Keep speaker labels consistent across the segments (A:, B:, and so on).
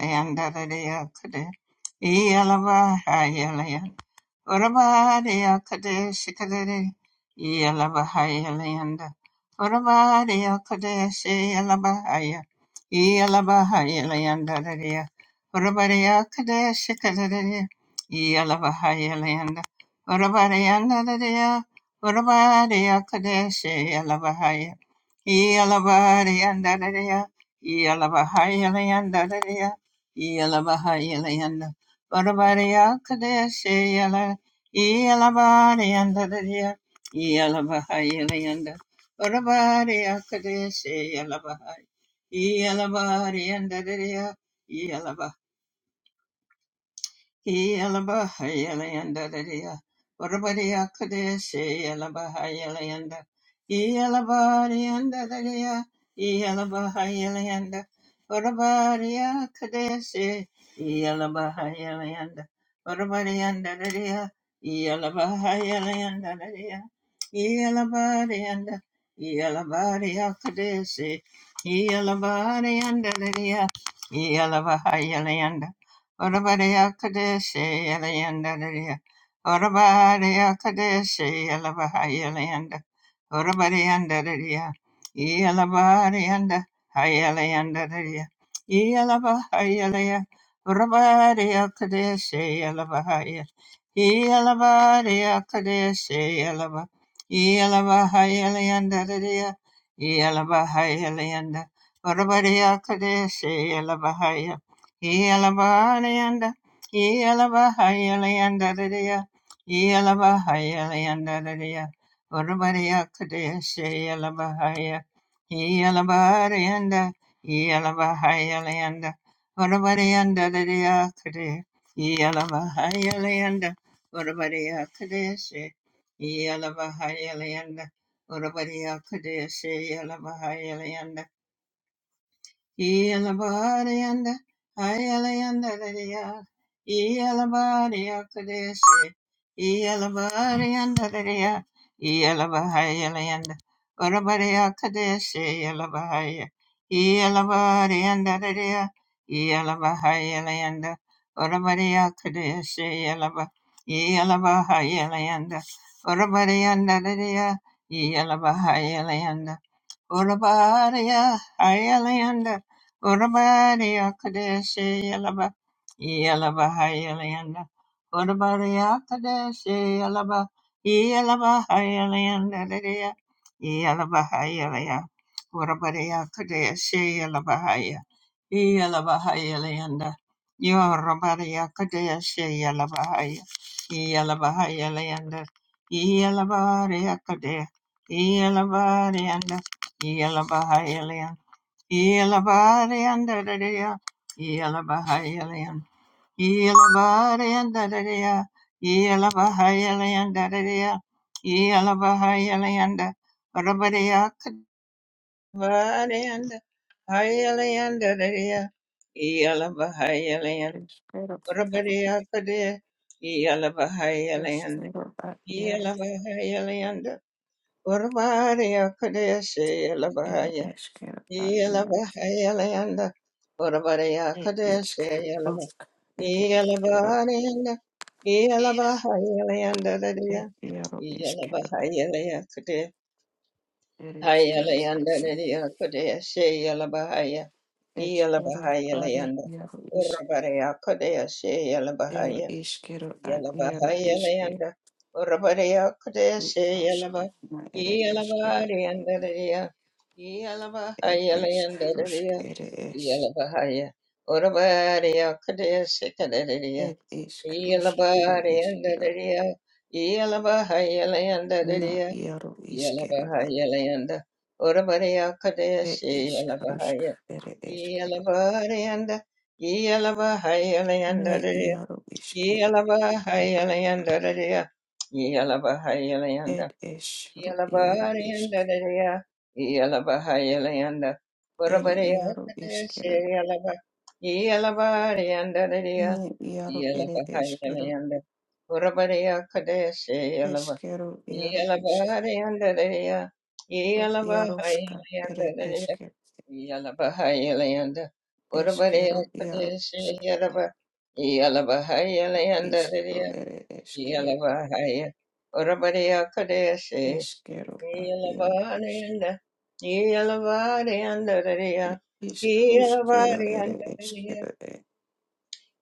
A: Leandarariakade, Ealava, Hayalaya, Orabari Akadeshi Kadere Yalabahaya Leanda Orabari Akadeshi Yalabahaya Yalabahaya Leanda Daria Orabari Akadeshi Kadere Yalabahaya Leanda Orabari Anda Daria Orabari Akadeshi Yalabahaya Yalabari Anda Daria Yalabahaya Leanda Daria Yalabahaya Leanda Orabari Akadeshi Yalabahaya Yalabariyandadadiya, Yalabahayaliyanda, Orabariyakadeshe, Yalabahay, Yalabariyandadadiya, Yelabahayalayandadadaya. Varabadiyakadeshe yelabahayalayanda. Yelabadiyandadadaya. Yelabahayalayanda. Varabadiyakadeshe yelabahayalayanda. Varabadiyandadadaya. Yelabahayalayandadadaya. Yelabadiyanda. Yelabadiyakadeshe. Yelabadiyandadadaya. Yelabahayalayanda. Orabariya Kadeshi Yalayanda Dariya Orabariya Kadeshi Yalabahayalayanda Orabariyanda Dariya Yalabariyanda Hayalayanda Dariya Yalabahayalaya Orabariya Kadeshi Yalabahaya Yalabariya Kadeshi Yalaba Yalabahayalayanda Dariya Yalabahayalayanda Orabariya Kadeshi Elabahai Yalabahayanda, Yalabahayalayanda, Yalabahayalayanda, Urabariya Kadesha, Yalabahaya, Yalabarayanda, Yalabahayalayanda, Urabarianda, Kadesha, Yalabahayalayanda, Urabariya Kadesha, Yalabahayalayanda, Urabariya Kadesha, Yalabahayalayanda, Yelabariyanda, Ayalayandariya, Yelabariyakadesi, Yelabariyandariya, Yelabahayalayanda, Varabariyakadesi, Yelabahaya, Yelabariyandariya, Yelabahayalayanda, Varabariyakadesi, Yelaba, Yelabahayalayanda, Varabariyandariya, Yelabahayalayanda, Urabaria Hayalanda Urabaria Kadeshi Yalaba Yalaba Hayalanda Urabaria Kadeshi Yalaba Yalaba Hayalanda Lidia Yalaba Hayalaya Urabaria Kadeshi Yalaba Haya Yalaba Hayalanda Yorabaria Kadeshi Yalaba Haya Yalaba Hayalanda Yalaba Ria Kadeshi Yalaba Yelabahailian, Yelabarian Dadadia, Yelabahailian, Yelabarian Dadadia, Yelabahailian Dadadia, Yelabahailian Rabadia Kadvarian, Hailian Dadadia, Yelabahailian,
B: Espero que lo que
A: Rabadia Kadia, Yelabahailian,
B: espero para el
A: Yelabahailian, Urvaria Kadia, Yella
B: esquero para el
A: Yelabahayalayanda, Orabarayakadeshe, Yelaba,
B: esquero el esquero
A: Yelabarayanda, Yelabahayalayanda, Dadaya,
B: el hierro esquero
A: Yelabahayalayakade,
B: el esquero
A: Hayalayanda,
B: así
A: Dadaya, Kadeshe, Yelabahaya,
B: esquero para el
A: Yelabahayalayanda,
B: hierro
A: Orabarayakadeshe,
B: el
A: Yelabahaya,
B: esquero al hierro esquero
A: Yalabahayalayanda, Urabadiya Kudeshe Yalaba,
B: Ruskana ere eskero,
A: Yalabadiyandaria,
B: et isk rusk
A: Yalabahayalandaria,
B: ere es,
A: Yalabahaya, Urabadiya Kudeshe Kadaria,
B: et isk rusk ere eskero,
A: Yalabadiyandaria,
B: na
A: Yalabahayalandaria,
B: iaro iskero
A: Yalabahayalanda, Urabadiya
B: Ed
A: Kudeshe
B: ishkarushk,
A: Yalabahaya,
B: ere eshkero,
A: Yalabadiyanda,
B: ne
A: Yalabahayalandaria,
B: iaro
A: yeah.
B: ishkero, ed eshru iaro ishk, ere iaro ishkero, ne iaro ere eshkero, eshkero iaro ishk, ru iarushka, ere eshkero,
A: Yalabahayalayanda Urabariya
B: eshkero iaro
A: Kadeshi
B: ishk,
A: Yalaba
B: ad
A: Yalabahayalayanda
B: ishkro
A: Riya
B: ere eshkero,
A: Yalabahaya Urabariya Kadeshi
B: eshkero ad iaro ishk,
A: Yalabahayalayanda Yalabahayalayanda
B: ed
A: Riya
B: ishkarushkero ere
A: Yalabahayalayanda Riya
B: eshkero,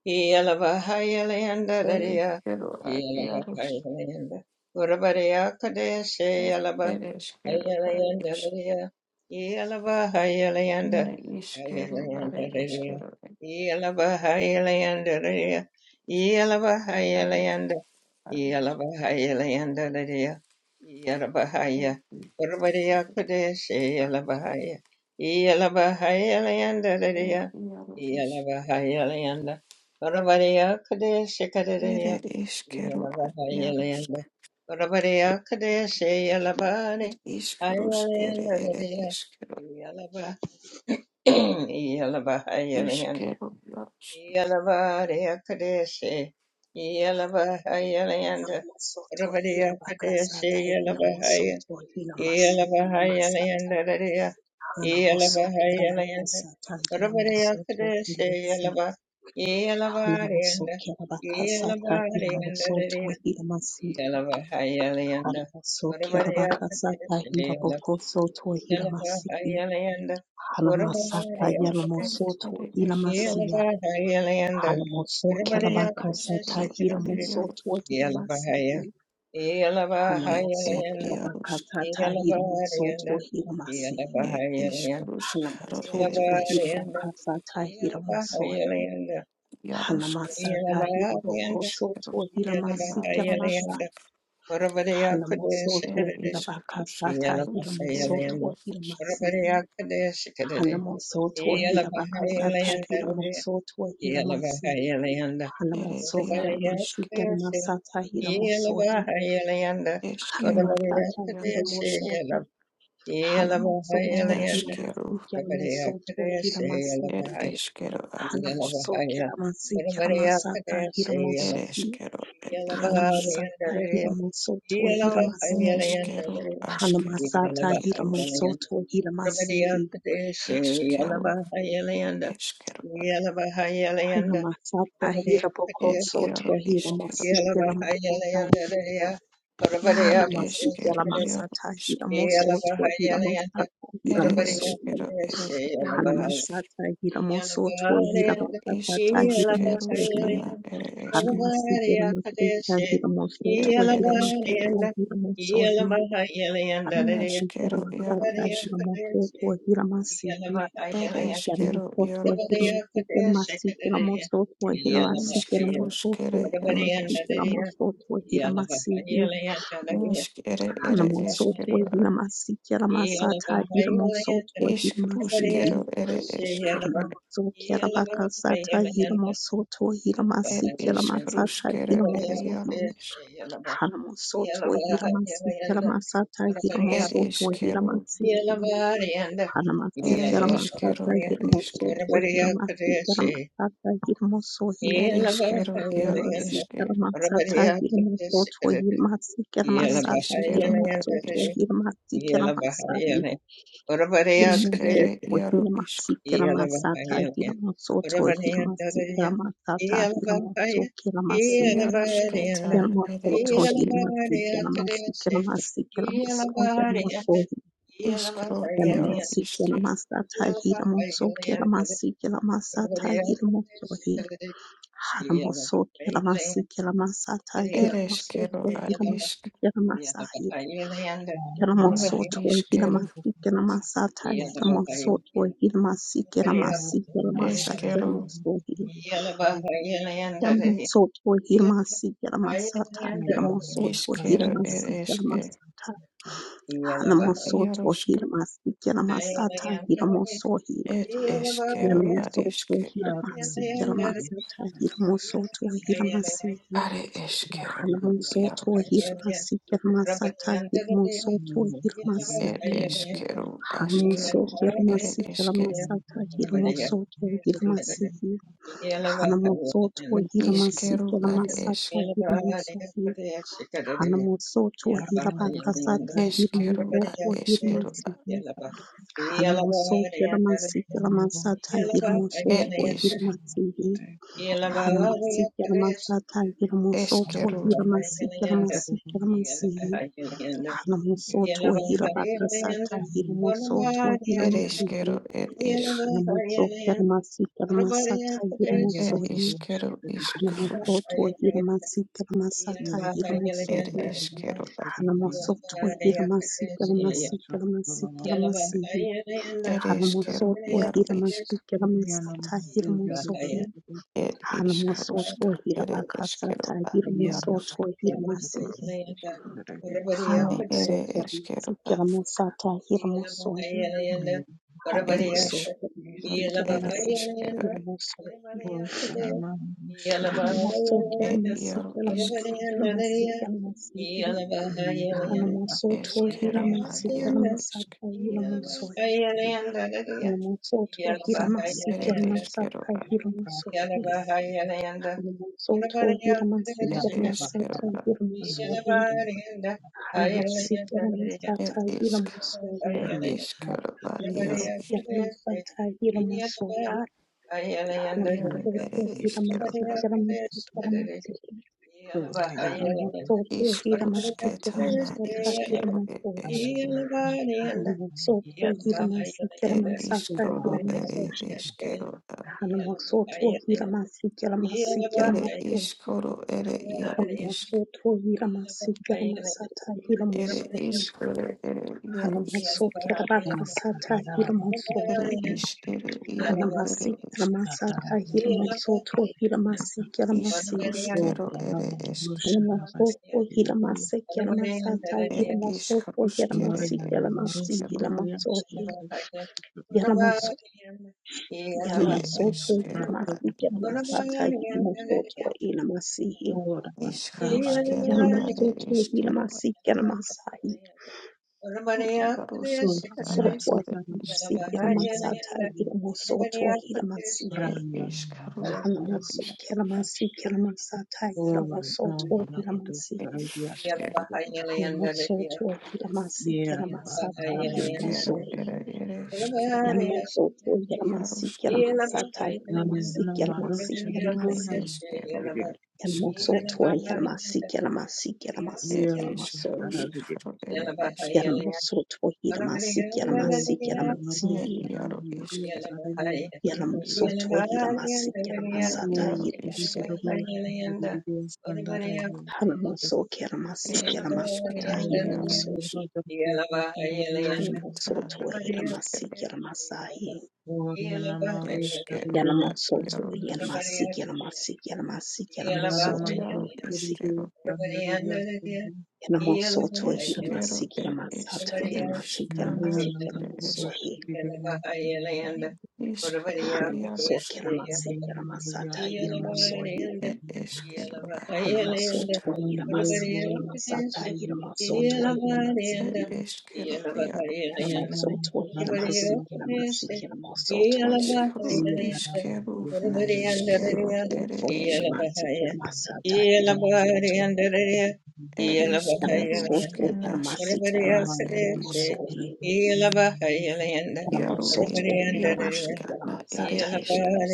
A: Yalabahayalayanda Riya
B: eshkero ad iarushk.
A: Yalabahayalayanda Urabariya Kadeshi
B: Ere eskero da
A: Ayalayanda
B: ish.
A: Daya, Yalaba Hayalayanda,
B: Ne iskero
A: Ayalayanda
B: are
A: Daya,
B: eskero e
A: Yalaba Hayalayanda Daya, Yalaba
B: are
A: Hayalayanda,
B: are
A: Yalaba Hayalayanda Daya, Yalaba Haya, Parvadaya Kadesh, Yalaba Haya, Yalaba Hayalayanda Daya,
B: iaro ish.
A: Yalaba Hayalayanda, Parvadaya Kadesh
B: Ere
A: Kadaya,
B: eskero
A: Yalaba
B: a iarosk.
A: Hayalayanda, Parvadaya Kadesh Yalaba
B: Ere iskerosk ere
A: Ireland,
B: ere
A: hallelujah.
B: eskero.
A: Yalaba, Yalaba, Ireland.
B: Iskero iarosk.
A: Yalaba, Dea Kadeshi. Yalaba, Ireland. Rabadea Kadeshi, Yalaba, Ireland. Yalaba, Ireland, Dea. Yalaba, Ireland. Rabadea Kadeshi, Yalaba. Yalaba, Ireland. Yalaba, Ireland, Dea. Yalaba, Ireland. Rabadea Kadeshi, Yelabahayalanda,
B: Ere iskerosk
A: Yelabahayalanda,
B: ere eskero.
A: Ora
B: Ere
A: bariya
B: eskero are iaro. E er iarosk. E iskerosk ere eskero. Iarosk eskero. Iarosk. It is Ruskero,
A: kudeshi Yeah.
B: Yaro Iskero, Ere Yaro Iskero, Eskero, Yaro Isk, Neskero, Ed Eskero, Ad Isk, Ed Eskero, Ed Yarusk, Neskero, Askero, Ad Yarusk, Eskero, Eskero, Ad
A: Yeah.
B: Ed Yaro Iskero, Ne Eskero, Yaro Isk, Ere Eskero, Ere Yaro Isk. ir iškaruškeruškana ir eškero ir ir eškero neškero ir iš ir eškero ir iš iškaruškere ir eškero
A: Yeah,
B: iškere ir eškero iškaruškero ir eškero ir iškaruškere ir jaru iš ir iškero ir eškero ir eške ir iškero jaru iške ir iškero ar iš
A: Yala Bahayala. Urabadaya Kadaya.
B: iškere jaru
A: Yala Bahayala. Urabadaya Dadaya. Yala Bahaya. Yala
B: Iarosketa
A: Bahayala.
B: ere
A: Yala
B: eske,
A: Bahaya Kadaya. Yala Bahayala. Yala
B: iskro iaro
A: Bahayala.
B: iske,
A: Yala Bahayala. Urabadaya Kadaya. Yala Bahayala.
B: ere eskero ad isk,
C: Thank
B: na iskero,
A: Kadaya. Yeah.
B: eskero, iskero ere eske, ru iaroska, et eskero ad iske, are eskero ad iaro iske, ere eskero askero, ere eske, iskero ad esk,
A: Yeah.
B: eskero ad eskero ad, et isk, eskero, ere
C: you.
B: eskero, et isk. It
C: Ayera
B: is
C: Budosh
B: quero
C: Bedibinova,
B: iskrusque.
C: Yoga the
B: It is quero
A: Yeah.
C: Bedibina, Rubusha, Lavana,
B: it is quero yaru isk.
C: Yana Mudu the
B: It is
C: Budosh,
B: kruska. It is quero
C: Yana
B: yarusk.
C: Pati, Budosh, Ragiasa,
B: Ne it is quero
C: the
B: It
C: Yoga,
B: is quero
C: Bedibin,
B: it is quero
C: Orthanama, Shribi,
B: it yaru isk.
C: Yoga, Yoga,
B: Is quero yaru isk.
A: Yeah.
C: Yoga, Yoga,
B: It is quero
C: Yoga, Yeah,
B: it is
C: but but
B: quero
C: but I'm not sure about the kitchen.
B: it is
C: How
B: it
C: do you
B: is
C: not
B: quero
C: to show the last
B: yaru isk. Yaru
C: name of
B: it
C: the
B: is quero
C: somebody? So I get up my book to the hall.
B: Ishkarusketana ishkeru et
C: I
B: eske et ishkaru ere ishkeru a-
A: Yeah.
B: ere ishkaru ere iaru ishk ere ishkaru ere iarus ere ishkere iaru ere ishk
C: don't
B: ishkaruskeru ere esk et ishkaruskere et ishkeru a- ere ishkeru a-
C: know.
B: ishk
C: Ora
B: ishkaruskena
C: rabados
B: ere ishkeru a- iarusketana
C: sulfuna
B: ere
A: Yeah.
B: ishkeru
C: superbatitebile
B: et
C: rajano
B: ishkaru
C: ruparadia
B: Isqueiro,
C: tata ora nova nabudu sarabia sandara yerava rava
B: isqueiro, era,
C: yuparadia
B: era,
C: sandara
B: isqueiro, Iaros,
C: nana nama rusha
B: ne,
C: milona
B: isqueiro,
C: dide
B: a,
C: sandare
B: isqueiro,
C: yerava
B: isqueiro,
C: sarabia
B: isqueiro, era,
C: sandare
B: isqueiro,
C: ora nana
B: ne,
C: rusha
B: iaro,
C: ravi
B: isqueiro,
C: sarabia sandare
B: ne,
C: ora
B: iaro,
C: dide
B: isqueiro,
C: rusha
A: Hariyalayanda,
C: dide
A: Varvareyakateshu,
C: sandara
B: era,
C: Thank
B: isqueiro, iaro,
A: Hiyalabahariyandalaya, Hiyalabahayalayanda,
B: isqueiro, ada, isqueiro,
A: Varvareyakateshu, Hiyalaba-
B: isqueiro,
A: Hiyalabahayalayandalaya,
B: a, iaro, isqueiro,
A: Varvareyakateshu,
B: iaro,
A: Hiyalabahayalayanda,
B: isqueiro,
A: Varvareyandalaya, Hiyalabahayalayanda,
B: isqueiro, era, isqueiro,
A: Varvareyakateshu,
B: iscana, era, isqueiro,
A: Hiyalabahayalayanda, Varvareyakateshu, Hiyalaba-
B: isqueiro, iaro,
A: Hiyalabahariyandalaya,
B: Ed
A: Yeah.
B: eskero
C: you.
B: ad iarusk. Ed eskero iarusk. Iskru iskero na iskero ere eske. Ed iskero ske
C: Yo,
B: nasketare ed isk. Iaru ed na ere eske.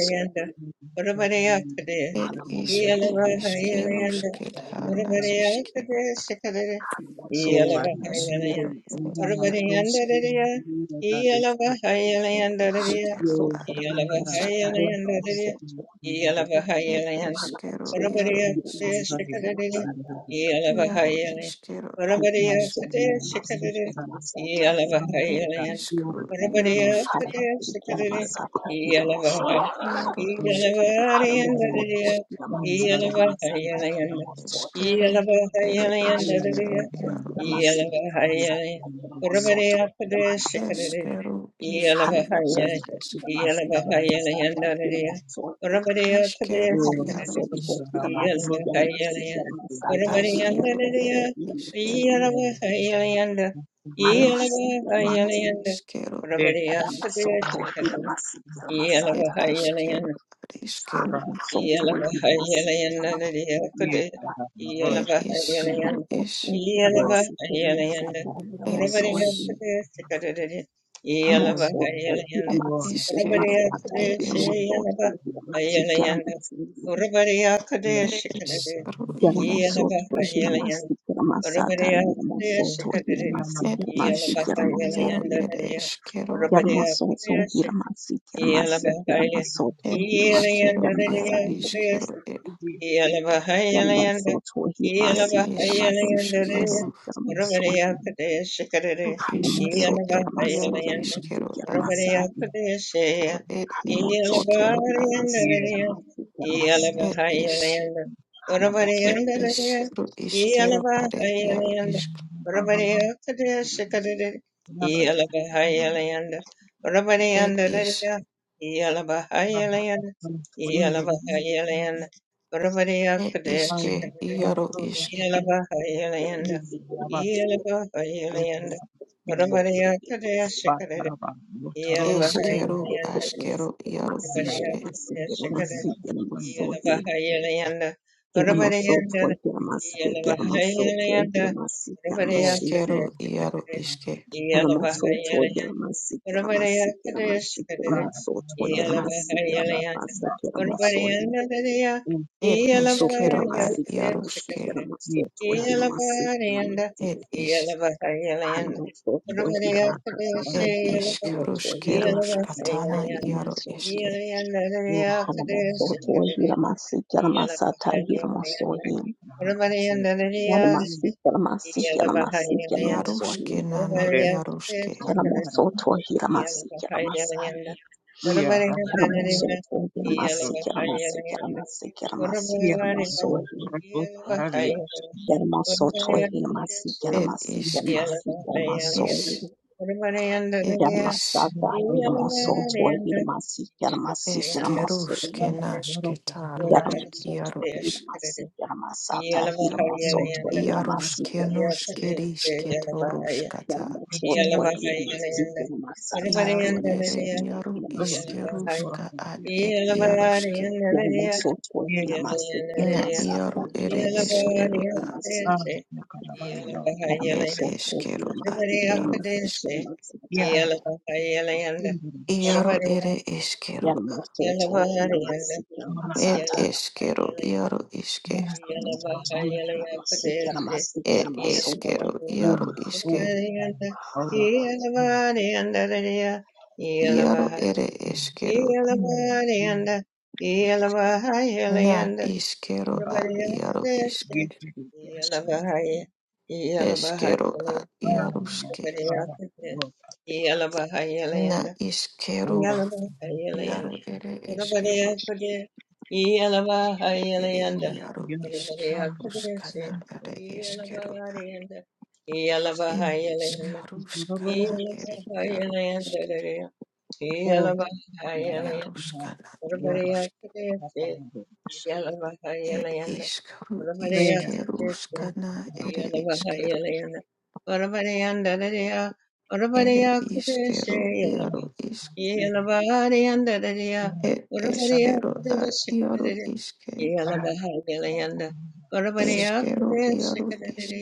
B: Ed iskru iskero sketana iskero.
A: Yalavahayalayandariya
B: Iskero ere iaru ed iskero
A: yeah.
B: ad ed eske. Ed eskero Iaro iskero ad isk ed iskru iaroska iaro iskero ad isk eskero ere
C: Rosh,
B: eskero iaro isk eskero iskero
A: Yalabahaya,
B: ad isk
A: Yalabahaya, Yandaria, Urabadiya, Padea,
B: iskero iaro
A: Sakadari,
B: isk
A: Yalabahaya, Urabadiya,
B: eskero
A: Yandaria,
B: ere iskero isk
A: Yalabahaya, Yanda, Yalabahaya,
B: na
A: Yanda,
B: iskero ad
A: Urabadiya,
B: isk
A: Padea, Sakadari,
B: ed iskero ad iskero
A: yeah,
B: ed iskru is ed is ed iskero ad Ed iskaru iaro ed eske ed iskaru iaro ed eskero
A: Yellow Bahaya,
B: ed
A: Yellow and
B: iskero iaro iskero
A: the
B: ed
A: Yalabahayalayandu,
B: ed iskaru
A: Yalabahayalayandu,
B: skero
A: Urvariyakade Shikarade,
B: iskero ed iaro
A: Yalabahayalayandu,
B: iskero a
A: Urvariyakade Shaya,
B: ed ed iskero a
A: Yalabahayalayandu,
C: Yes,
B: ed is
A: Yalabahayalayandu,
B: ed
A: Urvariyandu,
B: iskaru iskero are iaro
A: Yalabahayalayandu,
B: isk
A: Urvariyakade Shikarade, Yalabahayalayandu,
B: ed
A: Urvariyandu,
B: is
A: Yalabahayalayandu, Yalabahayalayandu,
B: ed iske iaro isk eskero
A: Yalabahayalanda,
B: askero iaro iske iskero iaro iske
A: yeah.
B: Ed ishkero ad yarushke. it is ish ed ishkarushke rushkatana yaro ishke. Yarushke nana yarushke.
A: Iyalakahayalaganda,
C: Yeah, um, those
A: Orabarigataririra,
C: students who are
A: Iyalakahayalaganda,
C: here from the
A: Orabarigariga,
C: Philippines are both Arabians.
A: Iyalakahayalaganda, Orabarigataririsi,
B: Ed
C: Yeah,
B: ishk
A: Iyalakahayalaganda,
B: ish ed
A: Orabarigandariga,
B: ish
C: Ia
A: Iyalabariganda, Ishkukuriganda,
C: ramos
B: eskerushke
C: metro
B: nashke taru ed yaro
A: Orabarigataririsi,
B: ish.
C: ia
A: Iyalakahayalaganda,
B: Yarushke noshke
A: Orabarigataririsi,
B: rishke
A: Iyalakahaya-
B: torushkata.
C: rato
A: Iyalakahayalaganda,
B: Yaro ere
A: Orabarigandariga,
B: yaro
C: rato
B: ishkerushka
C: rabias
B: ad ed
A: Yeah.
B: yarushke.
C: ia ramos
B: Na yaro ere eshkero
C: Yeah, rato rato rabias todo Yeah, todo rabias ia a na carabaia
B: Ed eskero ad iaro isk.
C: ia rato tudo no chão
B: Iaro ere eskero.
C: na
B: Ed
C: barba
B: eskero iaro iske.
C: basta na bruxa
B: Ed eskero
C: ou
B: iaro
C: ou
B: iske.
C: ora
B: Iaro ere eskero.
C: Yeah, ia ia ia
B: Na iskero
A: Everybody
B: ad
A: else
B: iaro
A: is
B: isk.
C: ia ia ia ia
A: there. Yalla bahaya, yalla bahaya,
B: Eskero ad iaro ske.
A: everybody else is there.
C: ia
A: Yalla bahaya, yalla,
B: Na iskero
C: ia
A: yalla bahaya,
C: ia
A: yalla.
B: iaro ere
A: Everybody
B: eskero.
A: else is there. Yalla bahaya,
B: Ere
A: yalla.
B: iaro isk.
A: Everybody else
C: Yakashanda
A: is there.
B: Ruskana ere
A: Yalla
B: eskero.
A: bahaya, yalla, yalla
B: Ed
A: bahaya,
B: isk.
A: yalla.
B: Ruskana
C: Turorosh
A: Yalla
B: ere
A: bahaya,
B: iaro isk.
A: yalla, yalla
C: or
A: bahaya,
C: Yara
A: yalla.
B: Yaruskana,
C: Yora
A: Everybody else
B: Yarusk,
A: is there.
C: Tatanga
A: Yalla
C: Shatara
A: bahaya,
B: Ed
A: yalla.
B: Iskaru,
A: Orabariya
C: Vera
A: Krishna
B: Iskeruskana, Ere
A: Yana
B: Iskero,
A: Mahayana Orabariya Naraya
B: Ere
A: Orabariya
B: Iskero,
A: Krishna
B: Yaru Isk,
A: yeah,
C: Fere Yura
B: Ed Iskero, Ad Yaru Iske,
C: Sampara Se
B: Iskero, Yaru Isk,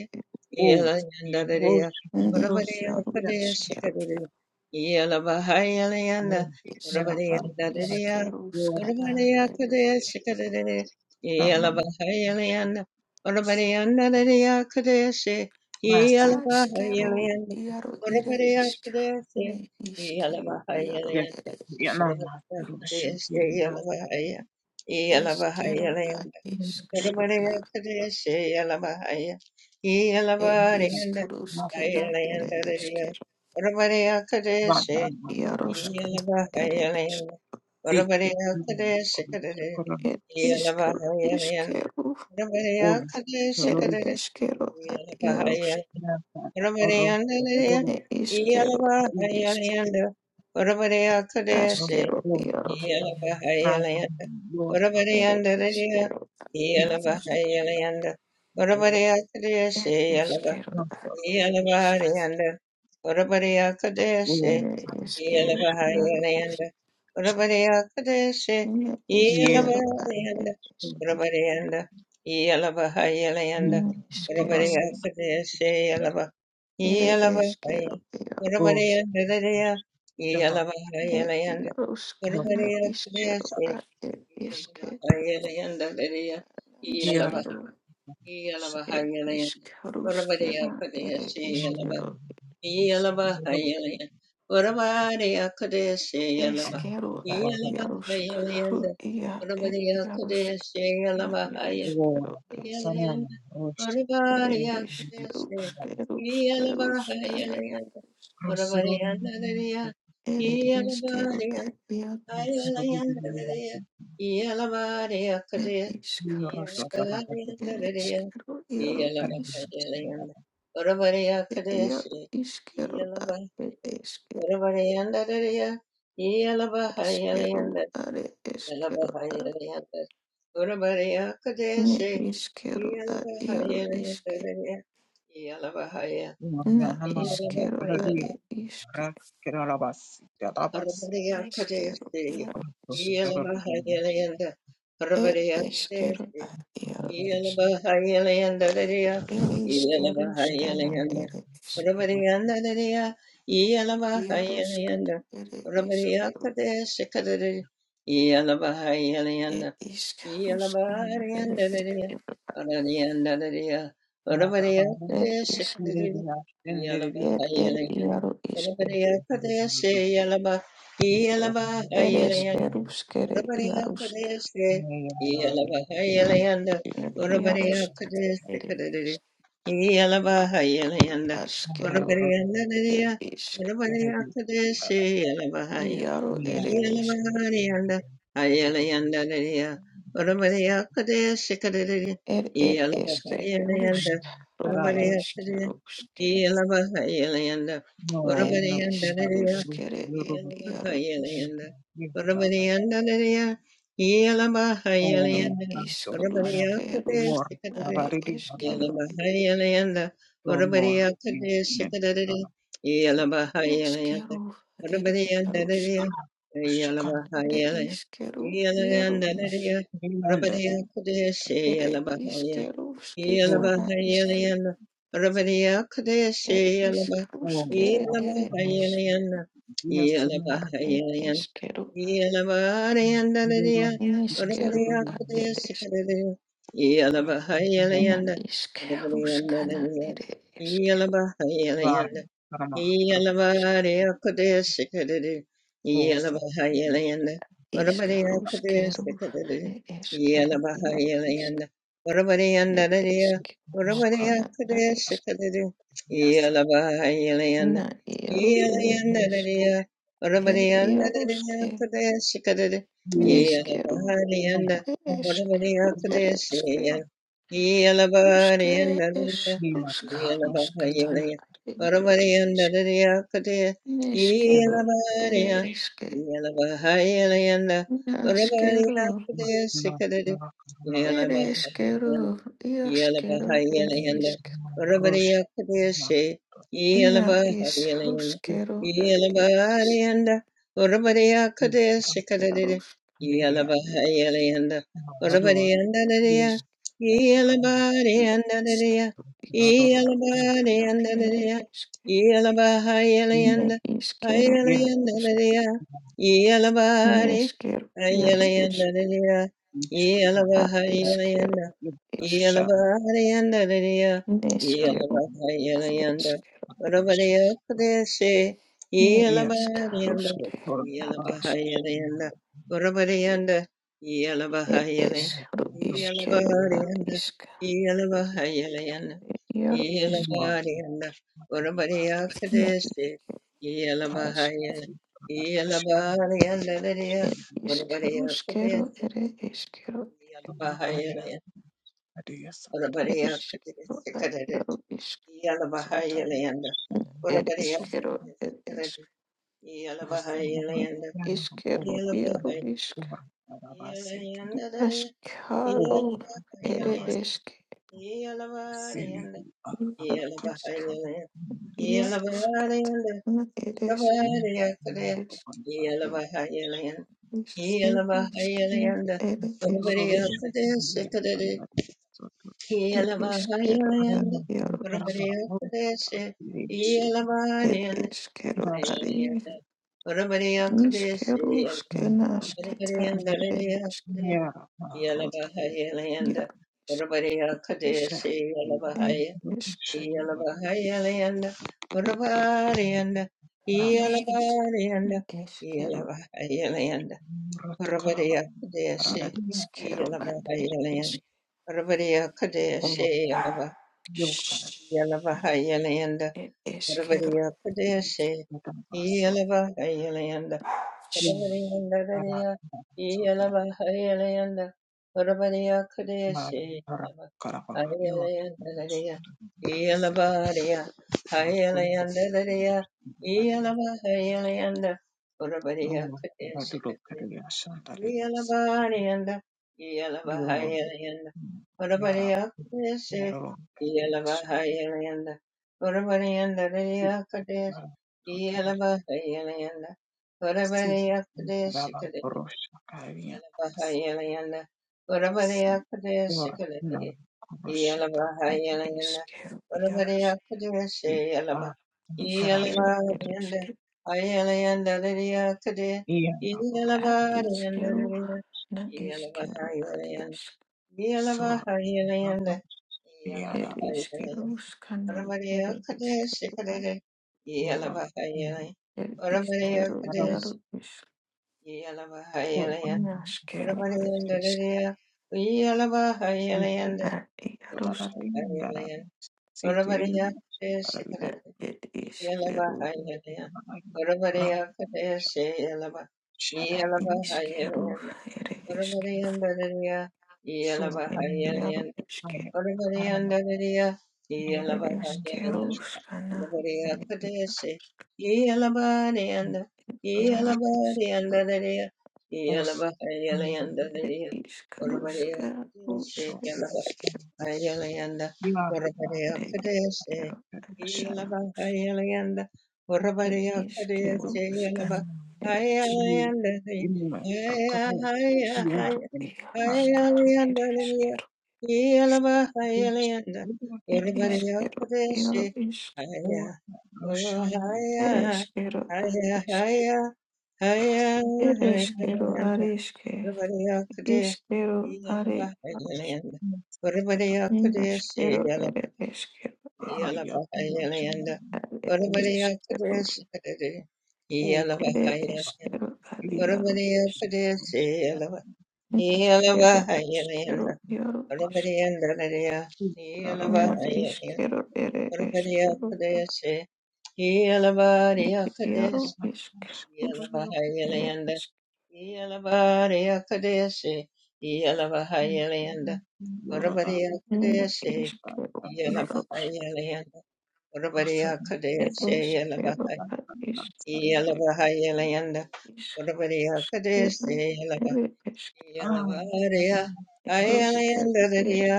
C: O Rosh
B: Ne
C: Rodos
B: Yaru Iskero,
C: Yasunda Yara
B: Iskaru,
C: Karada Yora
B: Iskeruskana, Ere Iskero,
C: Tanam Rasa
B: Askero, Yaru Ere Isk, Ne Iskero, Yaru
A: Yelavahayalanda,
B: Ere Isk,
C: Yanama Roshan
A: Ramakrishna
C: Tirina
A: Yelavahaya,
B: Eskero, Ad
A: Yelavahayalanda,
C: Roshan
B: Iskero,
A: Ramakrishna Yelavahaya,
B: Ed
A: Yelavahayalanda,
B: iskaruskeda ere
A: Hayalanda Raya,
B: esker
A: Ramakrishna
C: Vatana
B: iaruskata ere esk
A: Yelavahayalanda,
C: Ziki
A: Ramakrishna
C: mama
A: Kadare,
C: korokorona
B: ed
C: si
B: iskaru
A: Yelavahayalanda,
B: iskeru
C: ora
A: Ramakrishna
B: ere
C: tororo
B: eskero ad
A: Kadare,
B: iarus
C: rata oro
A: Urabareyandere,
C: tororo
B: ne iskero
A: iyalaba
B: ad
C: ira
B: isk
A: hariyalanda, urabareya
C: ro
A: kadeyase,
B: askero
C: ro
B: iarus
C: mata
A: iyalaba
C: rata
A: hariyalanda,
C: lota
B: ere
A: urabareyandere,
B: iskero ad
C: ti
A: iyalaba
B: iarus
A: hariyalanda,
C: toro
A: urabareya kadeyase,
B: ed
A: iyalaba,
B: eskero
C: rata
B: ad
A: iyalaba
C: rosh
B: esk
A: hariyanda, urabareya kadeyase,
C: o
B: ere eskero
C: rosh
B: iarus
A: Yelavahayanda,
C: chan
A: Urabariakadeshe,
B: ne
C: ye
B: iskero ad
A: Yelavahayanda,
B: esk
C: tororo
A: Urabarianda,
C: ni
A: Yelavahayalayanda,
B: ne iskero
C: ras
A: Urabariakadeshe, Yelava,
B: ere
A: Yelavahaya,
B: eskero
C: o
B: iarus
A: Urabariandadaya,
C: yata
B: ir
A: Yelavahayalayanda,
C: rata
B: Yaroshkana Ishkero
A: Urabariakadeshe,
B: at ir Ishke
A: Yelavahayalayanda, Dadaya, Yelava,
C: yara
B: Ishkero
C: sa
B: ir
A: Yelavahayalayanda,
B: Ishkarushkana ir
A: Urabariakadeshe,
C: ora
A: Yelava,
B: Ishkero
C: so ro
A: Yalabahayalaya. Urabadiyakadeshe yalaba.
B: Ishkero at
C: sa
A: Yalabahayalayanda.
B: Yaroshkaru ia ir
A: Urabadiyakadeshe
B: Yaroshkana ir
A: yalabahaya-
C: Ora
B: Ishkero ir
C: kasarana
A: yalayanda.
C: roshada yekiri
A: Urabadiyakadeshe
C: kanda
B: Ishkarushkarushkarushkana
A: yalabahayalayanda.
C: rosororo
A: Urabadiyandadadiya.
B: ir
C: yekiri
B: Ishkero isk
A: Yeah.
C: rosororo yekiri
B: Yar ir
C: yora
B: Ishkarushka
C: dodoro dodoro
B: ir Ishkero Yaro
C: karani
B: Ishkero
C: kanda
B: Yaro Ishkero at ir Ishkero Esquero, are, esquero, a, ne, isqueiro, a, iaro, isque,
C: ora
B: na,
C: nama
B: isqueiro,
C: rosororo
B: are, isque,
C: yara kiralabasi dalabasi
A: Parvatiya
B: esquero,
A: Kadesi,
B: iaro, isque,
C: dodoro dodoro
A: Yelamahayalayanda,
B: e,
A: Parvatiya
B: esquero,
A: Kadesi,
B: a, iaro,
C: dodoro
B: isque,
A: Yelamahayalayanda Dadiya,
B: ere, isqueiro, scana,
A: Yelamahayalayanda,
B: ere, isque,
C: yekiri
A: Parvatiyanda Dadiya,
B: iaro, scana,
A: Yelamahayalayanda,
B: ere,
A: Parvatiya
B: isqueiro,
A: Kadesi Kadari,
B: e, isqueiro, scana, ere,
A: Yalabahayalanda,
B: isqueiro,
C: madabaru
B: er, isque,
C: kireliya endereliya
B: er, er, iaro, isque, ere, esquero, scere ir iarusk, ir isk, askeru, ir isk,
C: Erebi
B: iaru,
C: mia
B: ir isk,
A: Iyalabariyanda,
C: guru
A: ayalayandarariya,
C: mesa
A: orabariyakare, shikarariya,
B: ir ir iske,
A: iyalabahayalayanda,
B: rusk, ru ir
C: araba
A: orabariyakare,
B: iske, ruske,
C: mesa
A: iyalabahayalayanda,
C: no
B: ir
C: no
B: isk,
C: ba
A: orabariyandarariya,
C: guru
B: ruskere,
C: guru
B: ir iaru isk,
A: iyalabahayalayanda,
C: mia na ba
A: orabariyandarariya,
C: o no
B: ir
A: iyalabahayalayanda,
C: ba to
B: isk,
C: ara
B: ruske, rusk,
C: mor na
A: orabariyakare,
C: ba
B: nare
C: re di na
A: Yala
C: na
B: eskeru,
A: bahai yala yanda,
C: o
A: orabari
C: mor ni
A: akade
C: ne no
A: shikadadadi.
C: no se
A: Yala
C: ki
A: bahai yala yanda,
B: askeru, ir
A: orabari yanda
B: iarusk,
A: dadiya. Yala
C: shukar
A: bahai
B: ir
A: yala yanda,
B: iskeru,
A: yala
B: iaru
A: yanda
C: ba
B: isk,
A: dadiya.
C: ni onda
A: Orabari
C: e
A: akade
C: to
A: shi
B: ir
A: yala bahai
B: iske,
A: yala. Yala
C: bo
B: rusketana
A: bahai yala
B: iske,
A: yanda, orabari akade shi
B: ir
A: yala
B: isk,
A: bahai.
C: o
B: ruskere,
C: sa
A: Yala
B: ir
C: no
A: bahai
B: isk.
A: yala
C: dia se no
B: ad ed eskero,
A: Yalaba
C: dia no dia se
B: niskero,
C: no
B: ad ed esk, nad iskeruskana ed eskero,
C: ra ba
A: yeah,
C: ba Osa mushimire
B: iskaruskeru, ad eskero, iaro isk, ed
C: amoka
B: eskeruskena ad esk,
C: yasatsu
B: na iaro ed esk, ed iaruske,
C: yega
B: niskeru,
C: mama
B: ad
C: mushita
B: eskeru, ed
C: rupa
B: eske, ruskere es,
C: nina
B: rusk,
C: mata
B: ruskatana ad
A: Yellow,
C: mushimire
B: iaro isk,
C: asu
B: niskeru, ed eske. Naskeru,
C: ma na maka maka ma
B: ereskeru, iaskeru, er
A: Yelabahayalayanda,
B: isk.
C: rushta ma
A: Urabadiyakadeshe,
B: Na is
A: Yelabahayalayanda,
B: ruskeru, ad er
A: Yelabahayalayanda,
C: iku
A: Urabadiyakadeshe kadadidi,
B: iskerus,
C: rambere
B: iask,
A: Yelabahayalayanda,
B: isk,
C: amaru
A: Urabadiyandadadiya,
C: yega
B: isk,
C: yataka
B: ne
A: Yelabadiyandadadiya,
B: iskeru,
C: raroro
B: iskeru, skana, ere
A: Yelabadiyandadadiya,
B: iske.
C: nina
B: Ne
A: Yelabahayalayanda,
B: iskeru, a
C: yega
B: isk,
A: Hayalayandadadiya, Yelabadi-
B: neskeru, iaru isk,
A: Hayalayandadadiya,
C: mustisha ma
B: a iskeru,
A: Yelabahayalayanda,
C: yega
B: isk,
A: yeah.
C: shama shama
B: neskeru, a
C: su
B: iskeru,
C: ma rushma
B: ne
C: yega
B: iskeruske, a isk.
C: Thank
B: It is ru iskero ad isk iaro isk no isk it iskero skero ere iskero ere
A: Orabaria
B: iskero ad
A: Kadisikarid
B: iaro isk
A: Yalabahayalayanda
B: ere
A: Orabaria
B: iskero ere isk
A: Kadisikarid Yalabahayalayanda
B: iskero iaro
A: Yalabahay
B: isk
A: Yalayanda
B: naskaro ere isk
A: Yalabahayalayanda
B: iaro
A: Yalabarayanda
B: isk iaro skat
A: Yalabahayalayanda Yalabarayanda
B: na ere isk
A: Orabaria Kadir
B: isk
A: Yalabahayalayanda
B: iskero isk
A: Yalabahayalayanda
B: ere
A: Orabaria
B: iskero
A: Kadisikarid
B: ere iskero ad
A: Yelavahayalanda,
B: iaro
A: Urabariyakudeshi,
B: It
A: Yelavahayalanda,
B: is kero ari
A: Ayalayanda, Urabariyakudeshi,
B: niskeru skena sketa ere iskeru
A: Yelavariyandariyakudeshi, Yelavahayalayanda,
B: ya isk
A: Urabariyakudeshi,
B: er
A: Yelavahaya-
B: isk
A: Yelavahayalayanda, Urabariyanda,
B: it
A: Yelavariyanda,
B: is kero
A: Yelavahayalayanda, Urabariyakudeshi,
B: iskero at it is
A: Yelavahayalayanda,
B: it
A: Urabariyakudeshi, Yelavahayalanda,
B: is kero
A: Padavariya
B: it
A: Padeshe, Yelavahayalanda, Padavariyanda Dariya, Yelavahayalanda, Padavariya Kadeshe, Yelavahayalanda Dariya, Yelavariya, Hayalanda Dariya, Yelavahayalanda, Padavariya Kadeshe, Yelabariyanda, Yelabahayanda, Udabariyakadesi, Yelabahayanda, Udabariyanda Riyakades, Yelabahayanda,
C: si
A: Udabariyakadesi
C: brava porosha karia si
A: Yelavahayalanda,
C: si
A: Urabadeyakadaya
C: or na
A: Sikalate,
C: porosha ta
B: is
A: Yelavahayalanda,
B: kero ya
A: Urabadeyakadayase
C: i a
A: Yelava,
C: karash
B: iskero it
A: Yelavahayanda,
B: is
A: Ayalayanda Liriyakadaya,
C: i a na por
B: at
A: Yelavahayanda
B: iskero
A: Liriya,
B: na iskero
A: Yelavahayalayanda,
B: at
C: sor na
A: Yelavahayalayanda,
C: i a na
B: ir
C: si
A: Yelavahayalayanda,
B: išskyrų skanų ir
A: Urabadeyakadaya
B: išskyrų
A: Sikalate,
C: or
A: Yelavahayalayanda,
B: ir
C: yo
B: išskyrų
C: tara
A: Urabadeyakadaya
B: ir iš
C: to
A: Yelavahayalayanda,
B: neškerų
C: tara
B: ir išskyrų
A: Urabariya, Uyalaba, Hayalayanda,
C: to
B: ir
C: tara
A: Yalaba,
C: i na dara
A: Hayalayan,
C: si tiri
A: Urabariya,
C: tara i
A: Shikaraya, Yalaba,
B: išskyrų išskyrų
A: Hayalayan,
C: na na i ra
A: Urabariya, Kadeshi, Yalaba,
C: shara yo
A: Yalaba,
B: ir išskyrų
A: Hayalayan, Urabariya, Dadaya,
C: sor
B: ir
A: Yalaba,
B: išskyrų
C: ai ara na i a na
B: ir išskyrų skanų ir išskyrų
C: porosha
B: išskyrų
C: also needed
B: ir išskyrų skanų
C: so
B: ir
A: Yalabari
B: išskyrų
A: Ayala
C: we are not
B: ir
A: Urabadiya
C: you are
A: Kadeshe
B: išskyrų
C: very shy
A: Yelaba
C: of
A: Ayala
B: ir
A: Urabadiya
C: the world
B: išskyrų
A: Kadeshe Yelaba
B: skanų
C: in
A: Ayala
C: in the
A: Ayala
C: crocodiles yeah
B: Iskaro,
C: and um
B: Iaroskaro,
A: Ayala
B: Ereskero,
A: Yelaba
C: which
A: Ayala
C: maybe actually
A: Urabadiya
B: Ereskero, Iaro,
A: Kadeshe
B: Isk,
A: Aya
C: or
A: Oh
C: Roshai
A: Aya
B: Ereskero, Ad, Isk,
A: Aya Aya
C: Prasna
B: ere, iskero,
A: Aya
B: are Areske,
A: Orabariyakude,
B: Iskero, Are, Iaros,
A: Iyalabahayalanda.
C: was the
A: Orabariyakude,
B: Inaskero,
A: Sheyala,
B: Ere, Eskero, E,
C: higher much
A: Iyalabahayalanda.
B: Are,
C: was
A: Orabariyakude,
B: Iskero,
A: Shadade,
C: all
B: Ere,
A: Iyalabahayalanda.
C: come
B: Eskero, Ad,
C: you the
B: Iaro, Isk,
A: Orabariyakude,
C: most that
A: Sheyala,
B: Inaskero,
A: Iyalabahayalanda.
B: Eskero, Iaro,
C: got
B: Isk,
A: Orabariyandadadaya,
C: the
B: Ina,
C: Rarosha
A: Iyalabahayalanda.
B: Iskero, Ere, Eskero,
A: Orabariyakude, She-
B: Ad,
A: Iyalabariyakude,
B: Iaro, Isk,
A: Yalabahayalayanda,
B: Rusk,
A: Yalabariyakadeshi,
C: and
A: Yalabahayalayanda,
C: Laura
B: Ne
A: Varavariyakadeshi,
B: išskiriau vyraus
A: Yalabahayalayanda,
B: ir
A: Varavariyakadeshi,
B: išskiriau
A: Yalabahay-
B: kad
A: Yalabahayalayanda,
B: išskiriau išskiriau
A: Varavariyakadeshi,
B: ir
A: Yalaba- Yalabariya,
B: išskiriau
A: Hayalayanda, Dadiya,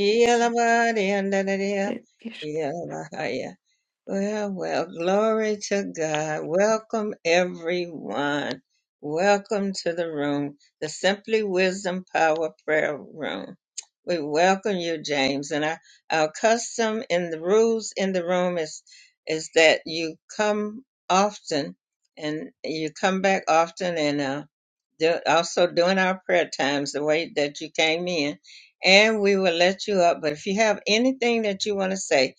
A: Yalabariyanda, Dadiya,
B: ir išskiriau.
A: Yalabahaya. Well, well, glory to God. Welcome, everyone. Welcome to the room, the Simply Wisdom Power Prayer Room. We welcome you, James. And our, our custom in the rules in the room is, is that you come often and you come back often and uh, do, also during our prayer times, the way that you came in. And we will let you up. But if you have anything that you want to say,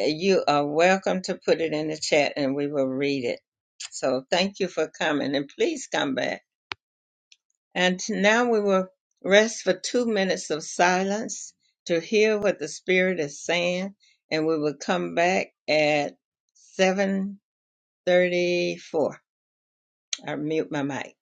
A: uh, you are welcome to put it in the chat and we will read it. So thank you for coming and please come back. And now we will rest for two minutes of silence to hear what the Spirit is saying and we will come back at 734. I mute my mic.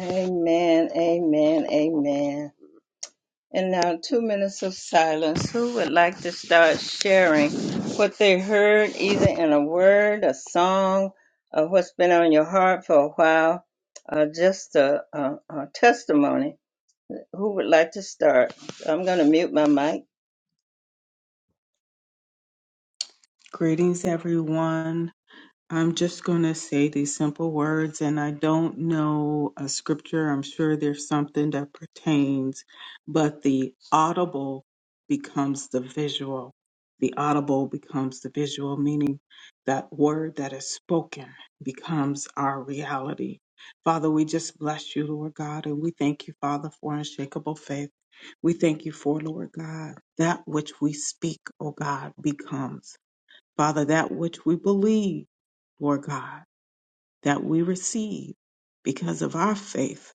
A: Amen, amen, amen. And now, two minutes of silence. Who would like to start sharing what they heard, either in a word, a song, or what's been on your heart for a while, or just a, a, a testimony? Who would like to start? I'm going to mute my mic.
C: Greetings, everyone. I'm just going to say these simple words, and I don't know a scripture. I'm sure there's something that pertains, but the audible becomes the visual. The audible becomes the visual, meaning that word that is spoken becomes our reality. Father, we just bless you, Lord God, and we thank you, Father, for unshakable faith. We thank you for, Lord God, that which we speak, O God, becomes. Father, that which we believe, Lord God, that we receive because of our faith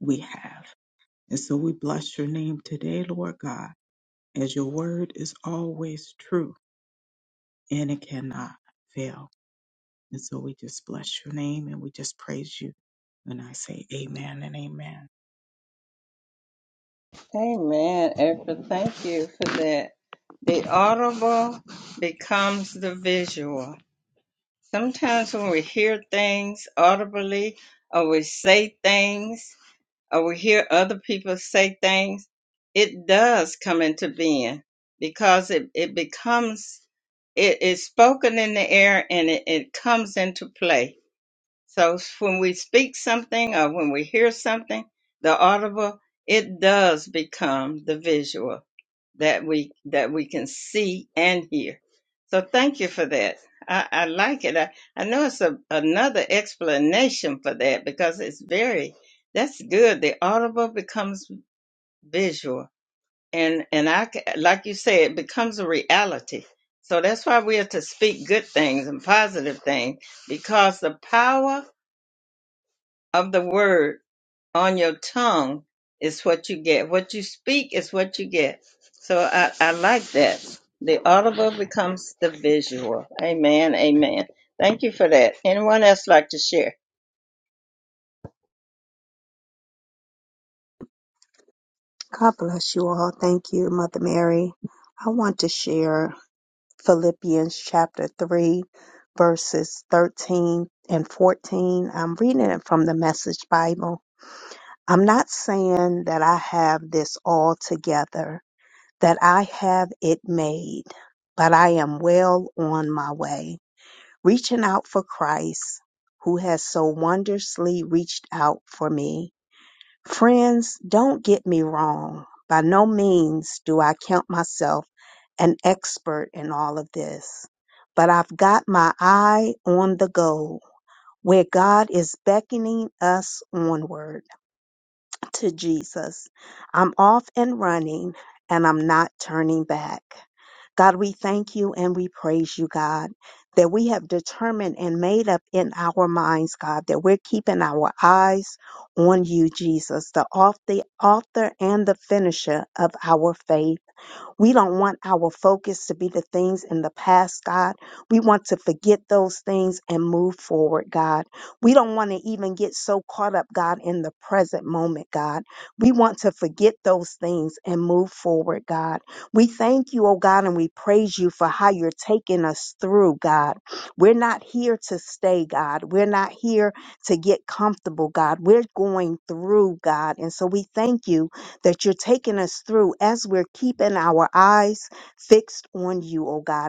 C: we have. And so we bless your name today, Lord God, as your word is always true and it cannot fail. And so we just bless your name and we just praise you. And I say amen and amen.
A: Amen, April. Thank you for that. The audible becomes the visual. Sometimes when we hear things audibly or we say things, or we hear other people say things, it does come into being because it, it becomes it is spoken in the air and it, it comes into play so s- when we speak something or when we hear something, the audible, it does become the visual that we that we can see and hear. So thank you for that. I, I like it. I, I know it's a, another explanation for that because it's very that's good. The audible becomes visual, and and I ca- like you say, it becomes a reality. So that's why we are to speak good things and positive things because the power of the word on your tongue is what you get. What you speak is what you get. So I, I like that. The audible becomes the visual. Amen. Amen. Thank you for that. Anyone else like to share?
D: and move forward, God. We don't want to even get so caught up, God, in the present moment, God. We want to forget those things and move forward, God. We thank you, oh God, and we praise you for how you're taking us through, God. We're not here to stay, God. We're not here to get comfortable, God. We're going through, God. And so we thank you that you're taking us through as we're keeping our eyes fixed on you, oh God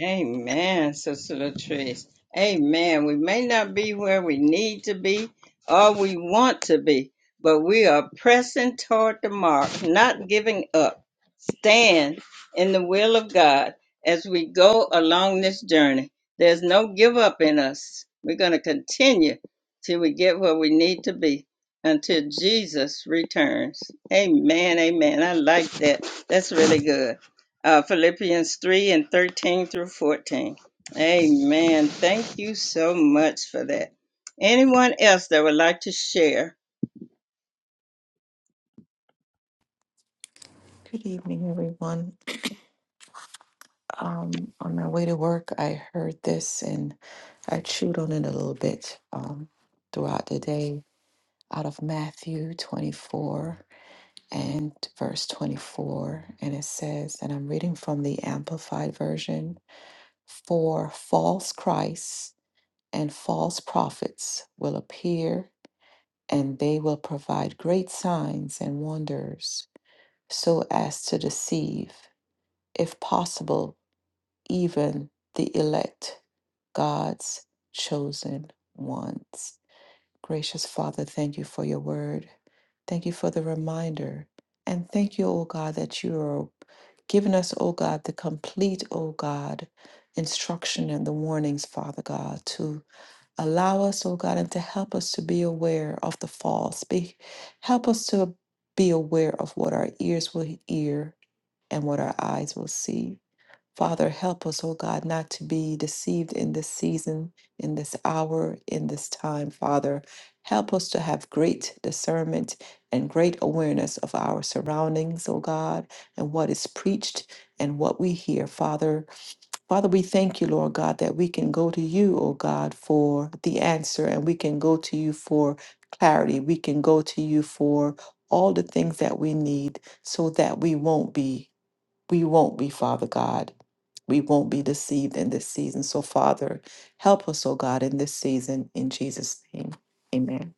A: Amen, Sister Latrice. Amen. We may not be where we need to be or we want to be, but we are pressing toward the mark, not giving up. Stand in the will of God as we go along this journey. There's no give up in us. We're going to continue till we get where we need to be until Jesus returns. Amen. Amen. I like that. That's really good uh, Philippians 3 and 13 through 14. Amen. Thank you so much for that. Anyone else that would like to share?
B: Good evening, everyone. Um, on my way to work, I heard this and I chewed on it a little bit um, throughout the day out of Matthew 24 and verse 24. And it says, and I'm reading from the Amplified Version for false Christs and false prophets will appear, and they will provide great signs and wonders so as to deceive, if possible, even the elect, God's chosen ones. Gracious Father, thank you for your word. Thank you for the reminder. And thank you, O God, that you are giving us, O God, the complete, O God, instruction and the warnings, Father God, to allow us, O God, and to help us to be aware of the false. Be, help us to be aware of what our ears will hear and what our eyes will see. Father, help us, oh God, not to be deceived in this season, in this hour, in this time, Father. Help us to have great discernment and great awareness of our surroundings, oh God, and what is preached and what we hear, Father. Father, we thank you, Lord God, that we can go to you, oh God, for the answer, and we can go to you for clarity. We can go to you for all the things that we need so that we won't be we won't be, Father God. We won't be deceived in this season. So, Father, help us, oh God, in this season. In Jesus' name, amen.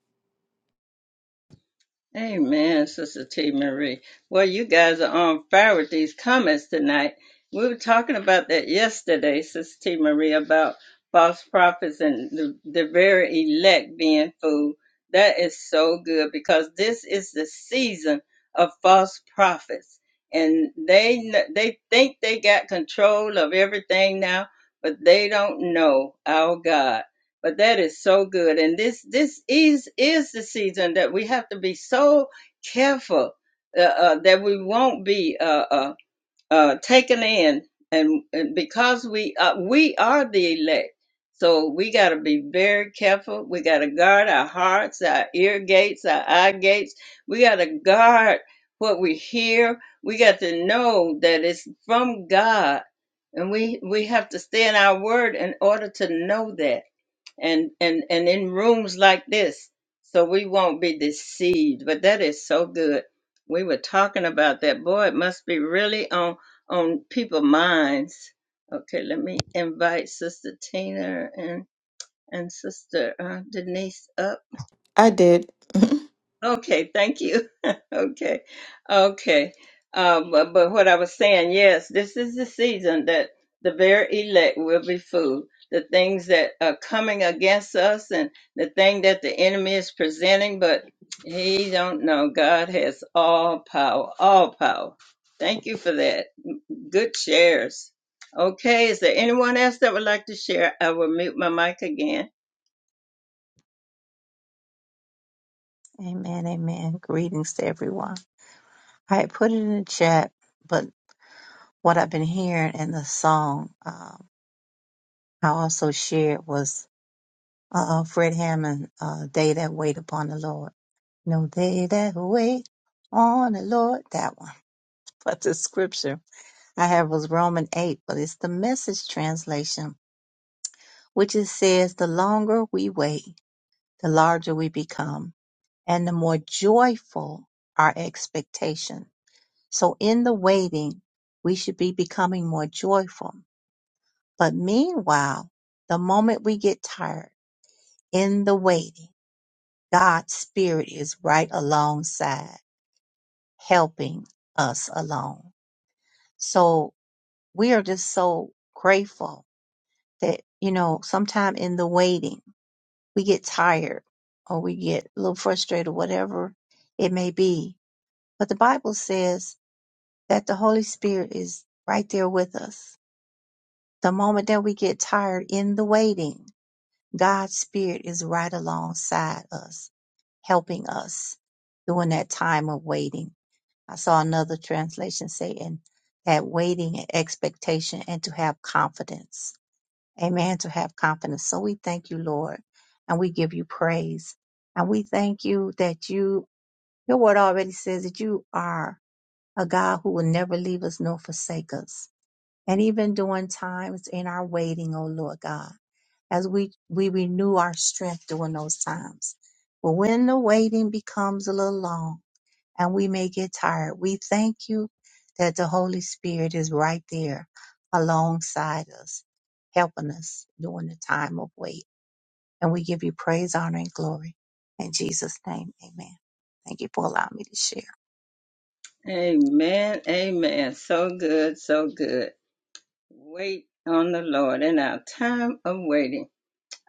A: Amen, Sister T. Marie. Well, you guys are on fire with these comments tonight. We were talking about that yesterday, Sister T. Marie, about false prophets and the, the very elect being fooled. That is so good because this is the season of false prophets, and they kn- they think they got control of everything now, but they don't know our God but that is so good and this this is is the season that we have to be so careful uh, uh, that we won't be uh, uh, uh, taken in and, and because we uh, we are the elect so we got to be very careful we got to guard our hearts our ear gates our eye gates we got to guard what we hear we got to know that it's from god and we we have to stay in our word in order to know that and and and in rooms like this so we won't be deceived but that is so good we were talking about that boy it must be really on on people's minds okay let me invite sister tina and and sister uh, denise up
B: I did.
A: Okay, thank you. Okay, okay. Um, but, but what I was saying, yes, this is the season that the very elect will be fooled. The things that are coming against us and the thing that the enemy is presenting, but he don't know. God has all power, all power. Thank you for that. Good shares. Okay, is there anyone else that would like to share? I will mute my mic again.
E: Amen, amen. Greetings to everyone. I had put it in the chat, but what I've been hearing in the song um, I also shared was uh, Fred Hammond, uh, They That Wait Upon the Lord. No, they that wait on the Lord, that one. But the scripture I have was Romans 8, but it's the message translation, which it says, The longer we wait, the larger we become, and the more joyful our expectation So in the waiting, we should be becoming more joyful. But meanwhile, the moment we get tired in the waiting, God's Spirit is right alongside, helping us along. So we are just so grateful that, you know, sometime in the waiting, we get tired or we get a little frustrated, whatever it may be. But the Bible says that the Holy Spirit is right there with us The moment that we get tired in the waiting, God's Spirit is right alongside us, helping us during that time of waiting. I saw another translation saying that waiting and expectation and to have confidence. Amen. To have confidence. So we thank you, Lord, and we give you praise. And we thank you that you, your word already says that you are a God who will never leave us nor forsake us. And even during times in our waiting, oh Lord God as we, we renew our strength during those times. But when the waiting becomes a little long and we may get tired, we thank you that the Holy Spirit is right there alongside us, helping us during the time of wait. And we give you praise, honor, and glory. In Jesus' name, amen. Thank you for allowing me to share.
A: Amen. Amen. So good. So good. Wait on the Lord in our time of waiting.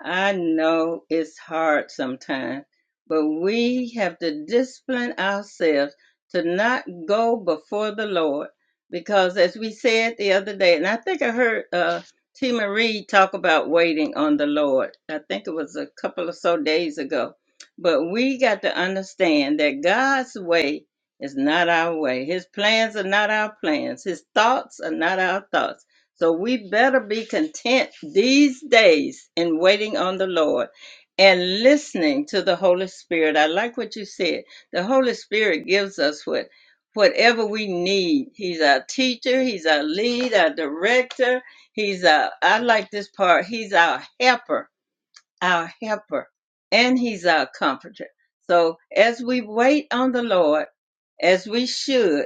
A: I know it's hard sometimes, but we have to discipline ourselves to not go before the Lord because, as we said the other day, and I think I heard uh, T. Marie talk about waiting on the Lord. I think it was a couple of so days ago. But we got to understand that God's way is not our way. His plans are not our plans. His thoughts are not our thoughts so we better be content these days in waiting on the Lord and listening to the Holy Spirit. I like what you said. The Holy Spirit gives us what whatever we need. He's our teacher, he's our lead, our director, he's our I like this part. He's our helper, our helper, and he's our comforter. So as we wait on the Lord, as we should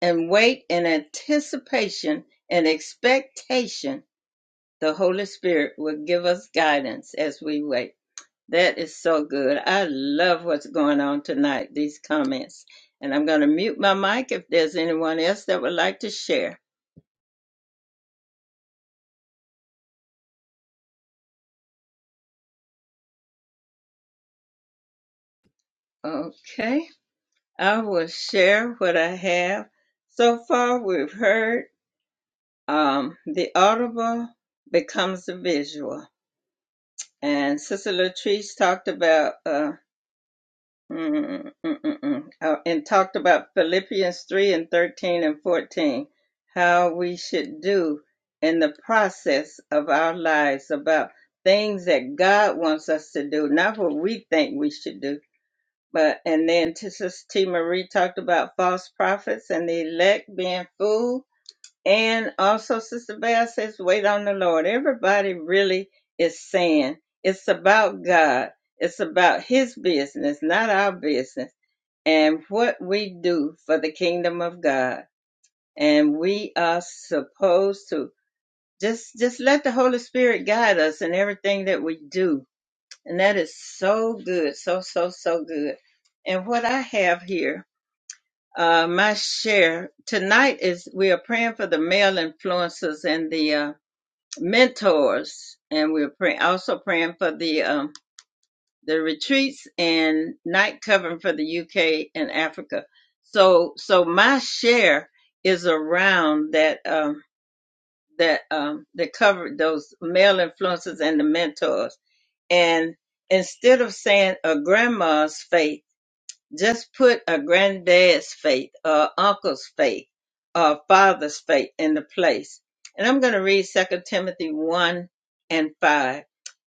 A: and wait in anticipation and expectation the Holy Spirit will give us guidance as we wait. That is so good. I love what's going on tonight, these comments. And I'm going to mute my mic if there's anyone else that would like to share. Okay, I will share what I have. So far, we've heard um, the audible becomes the visual. And Sister Latrice talked about. uh, Mm, mm, mm, mm. Uh, and talked about Philippians 3 and 13 and 14, how we should do in the process of our lives about things that God wants us to do, not what we think we should do. But and then Sister T. Marie talked about false prophets and the elect being fooled. And also Sister Val says, wait on the Lord. Everybody really is saying it's about God. It's about his business, not our business and what we do for the kingdom of God. And we are supposed to just just let the Holy Spirit guide us in everything that we do. And that is so good, so so so good. And what I have here, uh, my share tonight is we are praying for the male influences and the uh, mentors, and we're pray- also praying for the um, the retreats and night covering for the UK and Africa. So so my share is around that um that um that covered those male influences and the mentors. And instead of saying a grandma's faith, just put a granddad's faith or uncle's faith or father's faith in the place. And I'm going to read Second Timothy 1 and 5.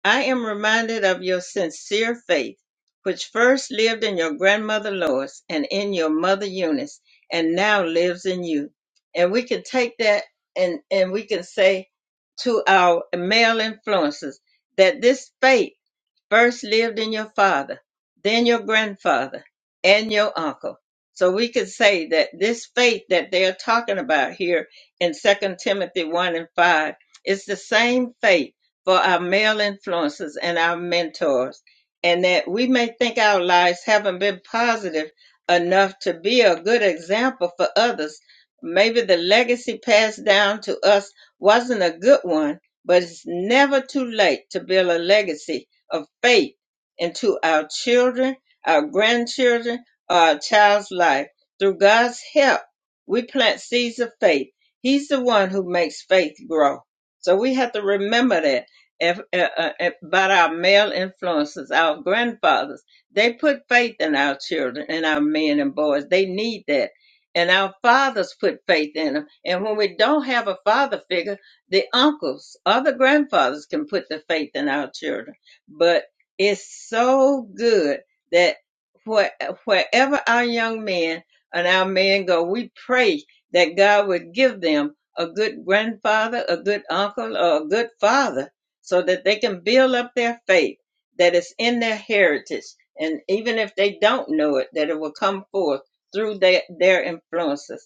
A: I am reminded of your sincere faith, which first lived in your grandmother Lois and in your mother Eunice, and now lives in you. And we can take that and, and we can say to our male influences that this faith first lived in your father, then your grandfather, and your uncle. So we could say that this faith that they're talking about here in Second Timothy 1 and 5 is the same faith for our male influences and our mentors, and that we may think our lives haven't been positive enough to be a good example for others. Maybe the legacy passed down to us wasn't a good one, but it's never too late to build a legacy of faith into our children, our grandchildren, our child's life. Through God's help, we plant seeds of faith. He's the one who makes faith grow. So we have to remember that if, uh, uh, about our male influences, our grandfathers. They put faith in our children and our men and boys. They need that. And our fathers put faith in them. And when we don't have a father figure, the uncles, other grandfathers can put the faith in our children but it's so good that where, wherever our young men and our men go, we pray that God would give them a good grandfather, a good uncle, or a good father so that they can build up their faith that is in their heritage. And even if they don't know it, that it will come forth through their, their influences.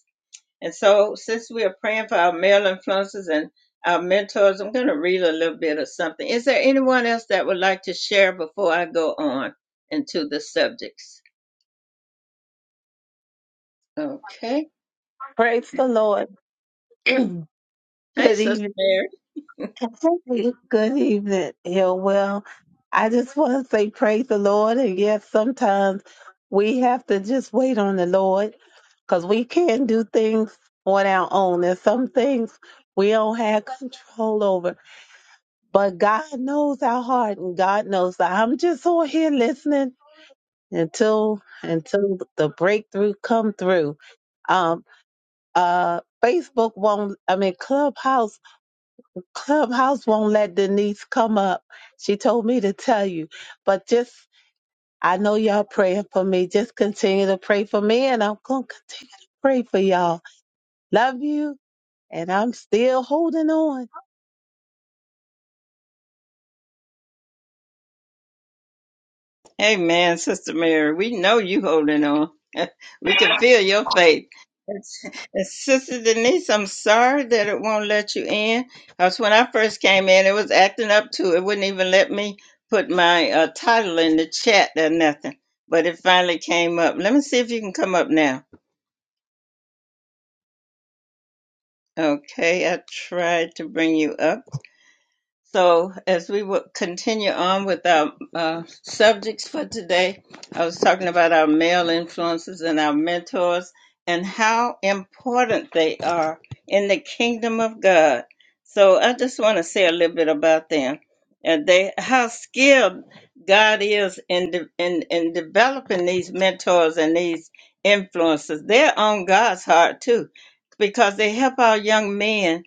A: And so, since we are praying for our male influences and our mentors, I'm going to read a little bit of something. Is there anyone else that would like to share before I go on into the subjects? Okay.
F: Praise the Lord. Good
A: Hey, Sister
F: evening.
A: Mary.
F: Good evening, Hillwell. I just want to say praise the Lord. And yes, sometimes we have to just wait on the Lord because we can't do things on our own. There's some things we don't have control over. But God knows our heart and God knows that I'm just on here listening until until the breakthrough come through. Um uh Facebook won't I mean Clubhouse Clubhouse won't let Denise come up. She told me to tell you. But just, I know y'all praying for me. Just continue to pray for me, and I'm going to continue to pray for y'all. Love you, and I'm still holding on.
A: Amen, Sister Mary. We know you holding on. we can feel your faith. And Sister Denise, I'm sorry that it won't let you in. Because when I first came in, it was acting up to it. wouldn't even let me put my uh, title in the chat or nothing. But it finally came up. Let me see if you can come up now. Okay, I tried to bring you up. So, as we will continue on with our uh, subjects for today, I was talking about our male influences and our mentors and how important they are in the kingdom of God. So, I just want to say a little bit about them and they how skilled God is in de- in in developing these mentors and these influences. They're on God's heart too, because they help our young men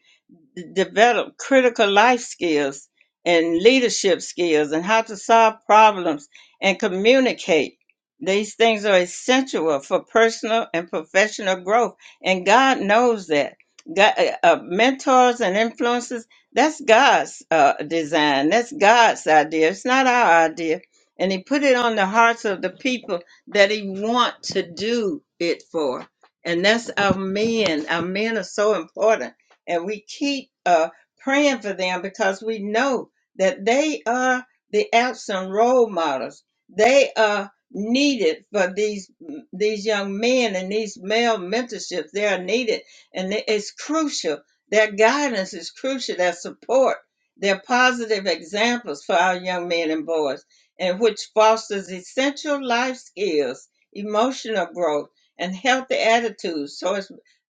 A: d- develop critical life skills and leadership skills and how to solve problems and communicate. These things are essential for personal and professional growth, and God knows that. God, uh, uh, mentors and influences, that's God's uh, design. That's God's idea. It's not our idea. And He put it on the hearts of the people that He want to do it for. And that's our men. Our men are so important and we keep uh, praying for them because we know that they are the absent role models. They are needed for these these young men and these male mentorships. They are needed, and it's crucial. Their guidance is crucial. Their support, their positive examples for our young men and boys, and which fosters essential life skills, emotional growth, and healthy attitudes towards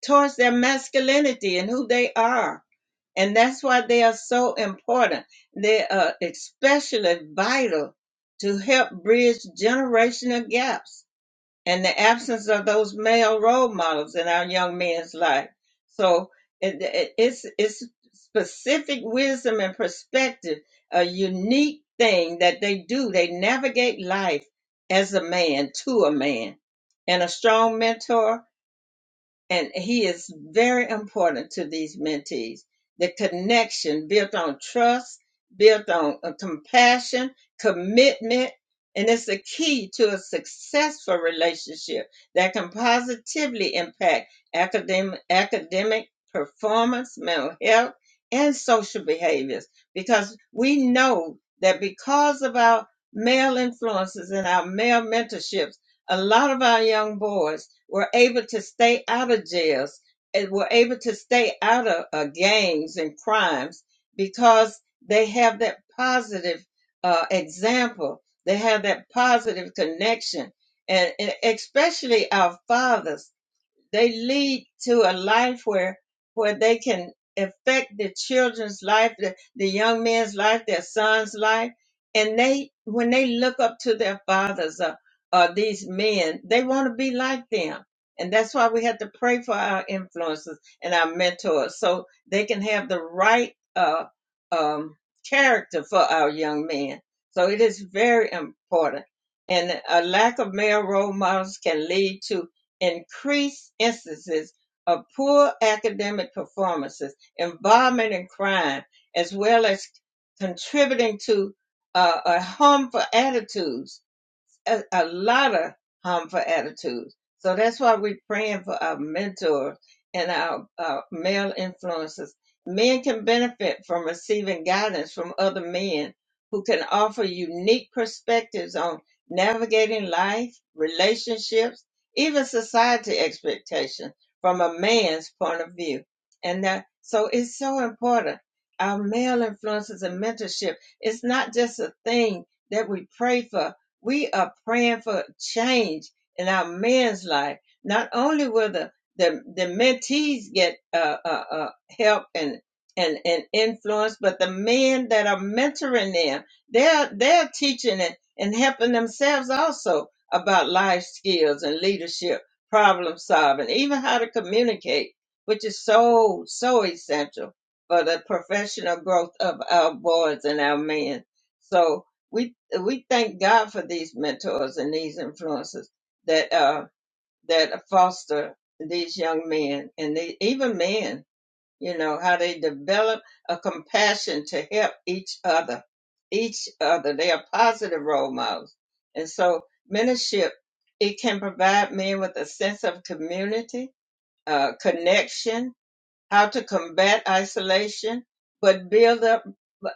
A: towards their masculinity and who they are. And that's why they are so important. They are especially vital to help bridge generational gaps and the absence of those male role models in our young men's life. So it, it- it's, it's specific wisdom and perspective, a unique thing that they do. They navigate life as a man to a man. And a strong mentor and he is very important to these mentees. The connection built on trust, built on uh, compassion, commitment, and it's the key to a successful relationship that can positively impact academic, academic performance, mental health, and social behaviors. Because we know that because of our male influences and our male mentorships, a lot of our young boys were able to stay out of jails and were able to stay out of uh, gangs and crimes because they have that positive uh, example. They have that positive connection. And, and especially our fathers they lead to a life where where they can affect the children's life, the, the young man's life, their son's life. And they when they look up to their fathers or, or these men, they want to be like them. And that's why we have to pray for our influences and our mentors so they can have the right uh, um, character for our young men. So it is very important. And a lack of male role models can lead to increased instances of poor academic performances, involvement in crime, as well as contributing to uh, a harmful attitudes a, a lot of harmful attitudes. So that's why we're praying for our mentors and our uh, male influences. Men can benefit from receiving guidance from other men who can offer unique perspectives on navigating life, relationships, even society expectations from a man's point of view. And that, so it's so important. Our male influences and mentorship, it's not just a thing that we pray for we are praying for change in our man's life. Not only will the the, the mentees get uh, uh, uh, help and, and and influence, but the men that are mentoring them, they're they're teaching and, and helping themselves also about life skills and leadership, problem solving, even how to communicate, which is so so essential for the professional growth of our boys and our men. So we we thank God for these mentors and these influences that uh that foster these young men and they, even men, you know, how they develop a compassion to help each other, each other. They are positive role models, and so mentorship it can provide men with a sense of community, uh, connection, how to combat isolation, but build up.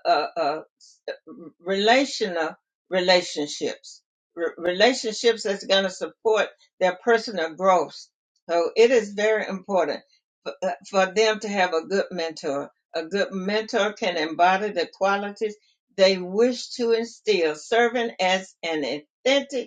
A: uh, uh, relational relationships, r- relationships that's going to support their personal growth. So it is very important for, uh, for them to have a good mentor. A good mentor can embody the qualities they wish to instill, serving as an authentic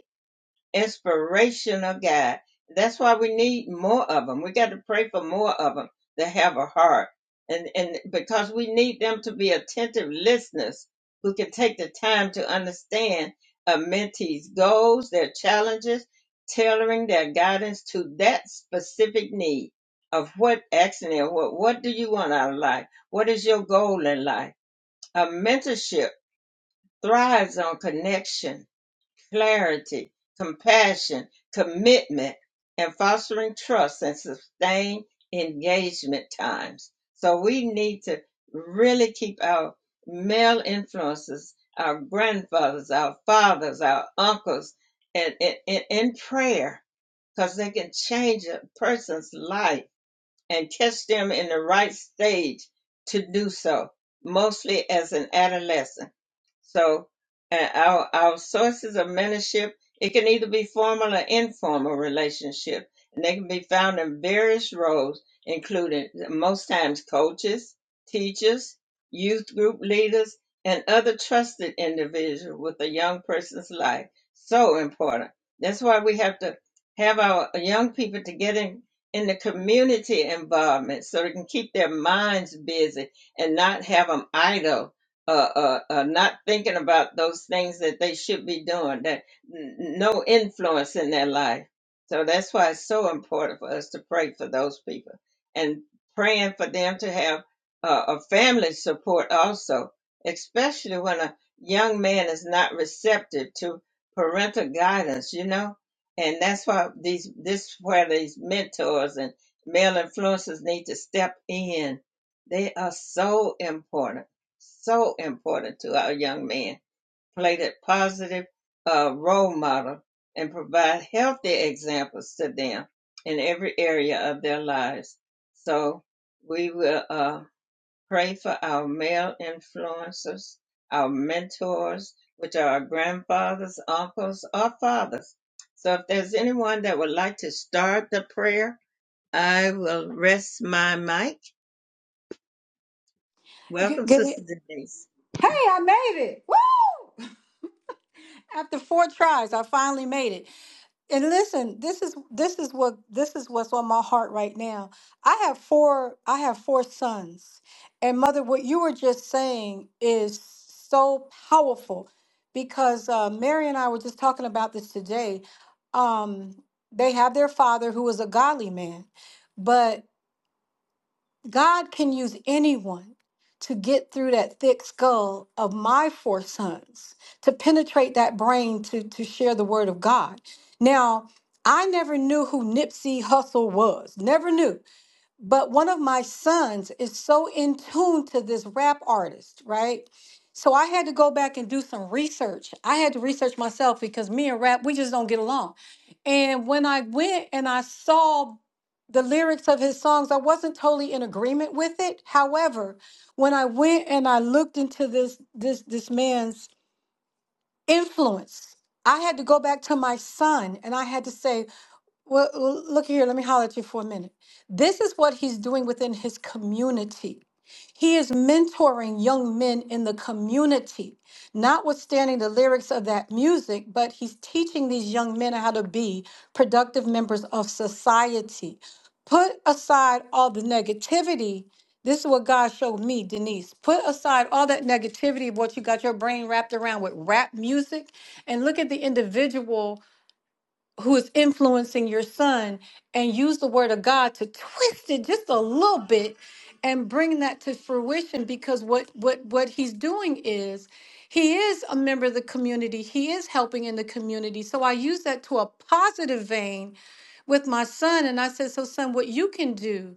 A: inspirational God. That's why we need more of them. We got to pray for more of them that have a heart. And, and because we need them to be attentive listeners who can take the time to understand a mentee's goals, their challenges, tailoring their guidance to that specific need of what action and what, what do you want out of life? What is your goal in life? A mentorship thrives on connection clarity, compassion, commitment, and fostering trust and sustained engagement times. So we need to really keep our male influences, our grandfathers, our fathers, our uncles, and in, in, in prayer because they can change a person's life and catch them in the right stage to do so, mostly as an adolescent. So uh, our our sources of mentorship it can either be formal or informal relationship, and they can be found in various roles, including most times coaches, teachers, youth group leaders, and other trusted individuals with a young person's life. So important. That's why we have to have our young people to get in in the community involvement so they can keep their minds busy and not have them idle uh, uh, uh, not thinking about those things that they should be doing, that n- no influence in their life. So that's why it's so important for us to pray for those people and praying for them to have uh, a family support also, especially when a young man is not receptive to parental guidance, you know. And that's why these this where these mentors and male influencers need to step in. They are so important so important to our young men. Play that positive uh, role model and provide healthy examples to them in every area of their lives. So we will uh, pray for our male influencers, our mentors, which are our grandfathers, uncles, or fathers. So if there's anyone that would like to start the prayer, I will rest my mic.
G: Good,
A: Welcome,
G: good. Hey,
A: Sister Denise.
G: I made it. Woo! After four tries, I finally made it. And listen, this is this is what this is what's on my heart right now. I have four I have four sons. And mother, what you were just saying is so powerful because uh, Mary and I were just talking about this today. Um, they have their father who is a godly man, but God can use anyone to get through that thick skull of my four sons, to penetrate that brain to, to share the word of God. Now, I never knew who Nipsey Hussle was, never knew but one of my sons is so in tune to this rap artist, right? So I had to go back and do some research. I had to research myself because me and rap, we just don't get along. And when I went and I saw the lyrics of his songs, I wasn't totally in agreement with it. However, when I went and I looked into this this this man's influence, I had to go back to my son and I had to say, well, well, look here, let me holler at you for a minute. This is what he's doing within his community. He is mentoring young men in the community, notwithstanding the lyrics of that music, but he's teaching these young men how to be productive members of society. Put aside all the negativity. This is what God showed me, Denise. Put aside all that negativity of what you got your brain wrapped around with rap music and look at the individual who is influencing your son and use the word of God to twist it just a little bit and bring that to fruition because what what what he's doing is he is a member of the community he is helping in the community so i use that to a positive vein with my son and i said so son what you can do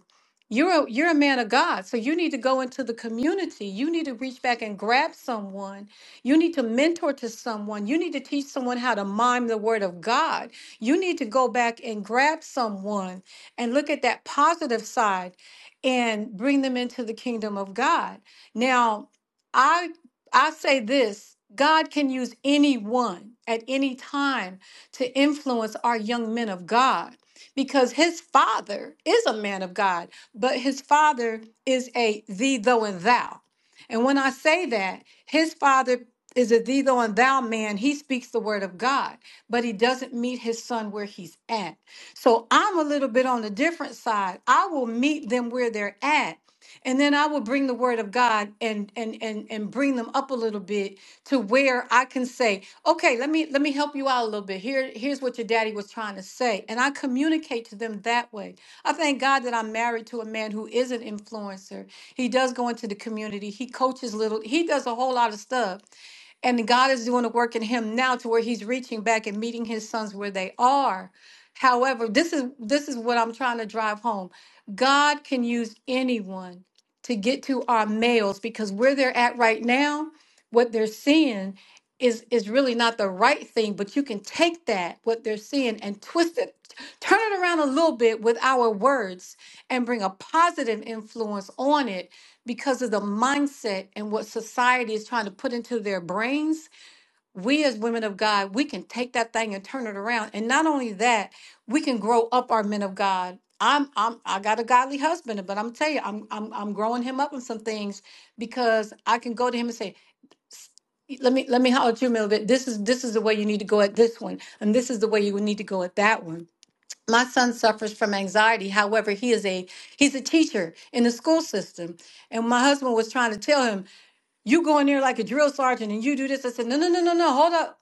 G: you're a, you're a man of god so you need to go into the community you need to reach back and grab someone you need to mentor to someone you need to teach someone how to mime the word of god you need to go back and grab someone and look at that positive side and bring them into the kingdom of God. Now, I I say this, God can use anyone at any time to influence our young men of God because his father is a man of God, but his father is a thee, though, and thou. And when I say that, his father is a thee, though, and thou man, he speaks the word of God but he doesn't meet his son where he's at. So I'm a little bit on the different side. I will meet them where they're at. And then I will bring the word of God and and and and bring them up a little bit to where I can say, okay, let me let me help you out a little bit. Here here's what your daddy was trying to say, and I communicate to them that way. I thank God that I'm married to a man who is an influencer. He does go into the community. He coaches little. He does a whole lot of stuff and God is doing the work in him now to where he's reaching back and meeting his sons where they are. However, this is this is what I'm trying to drive home. God can use anyone to get to our males because where they're at right now, what they're seeing is is really not the right thing, but you can take that what they're seeing and twist it, turn it around a little bit with our words and bring a positive influence on it because of the mindset and what society is trying to put into their brains, we as women of God, we can take that thing and turn it around. And not only that, we can grow up our men of God. I'm I'm I got a godly husband, but I'm tell you, I'm I'm I'm growing him up on some things because I can go to him and say, "S- let me let me holler at you a little bit. This is this is the way you need to go at this one, and this is the way you would need to go at that one my son suffers from anxiety however he is a he's a teacher in the school system and my husband was trying to tell him you go in there like a drill sergeant and you do this i said no no no no no hold up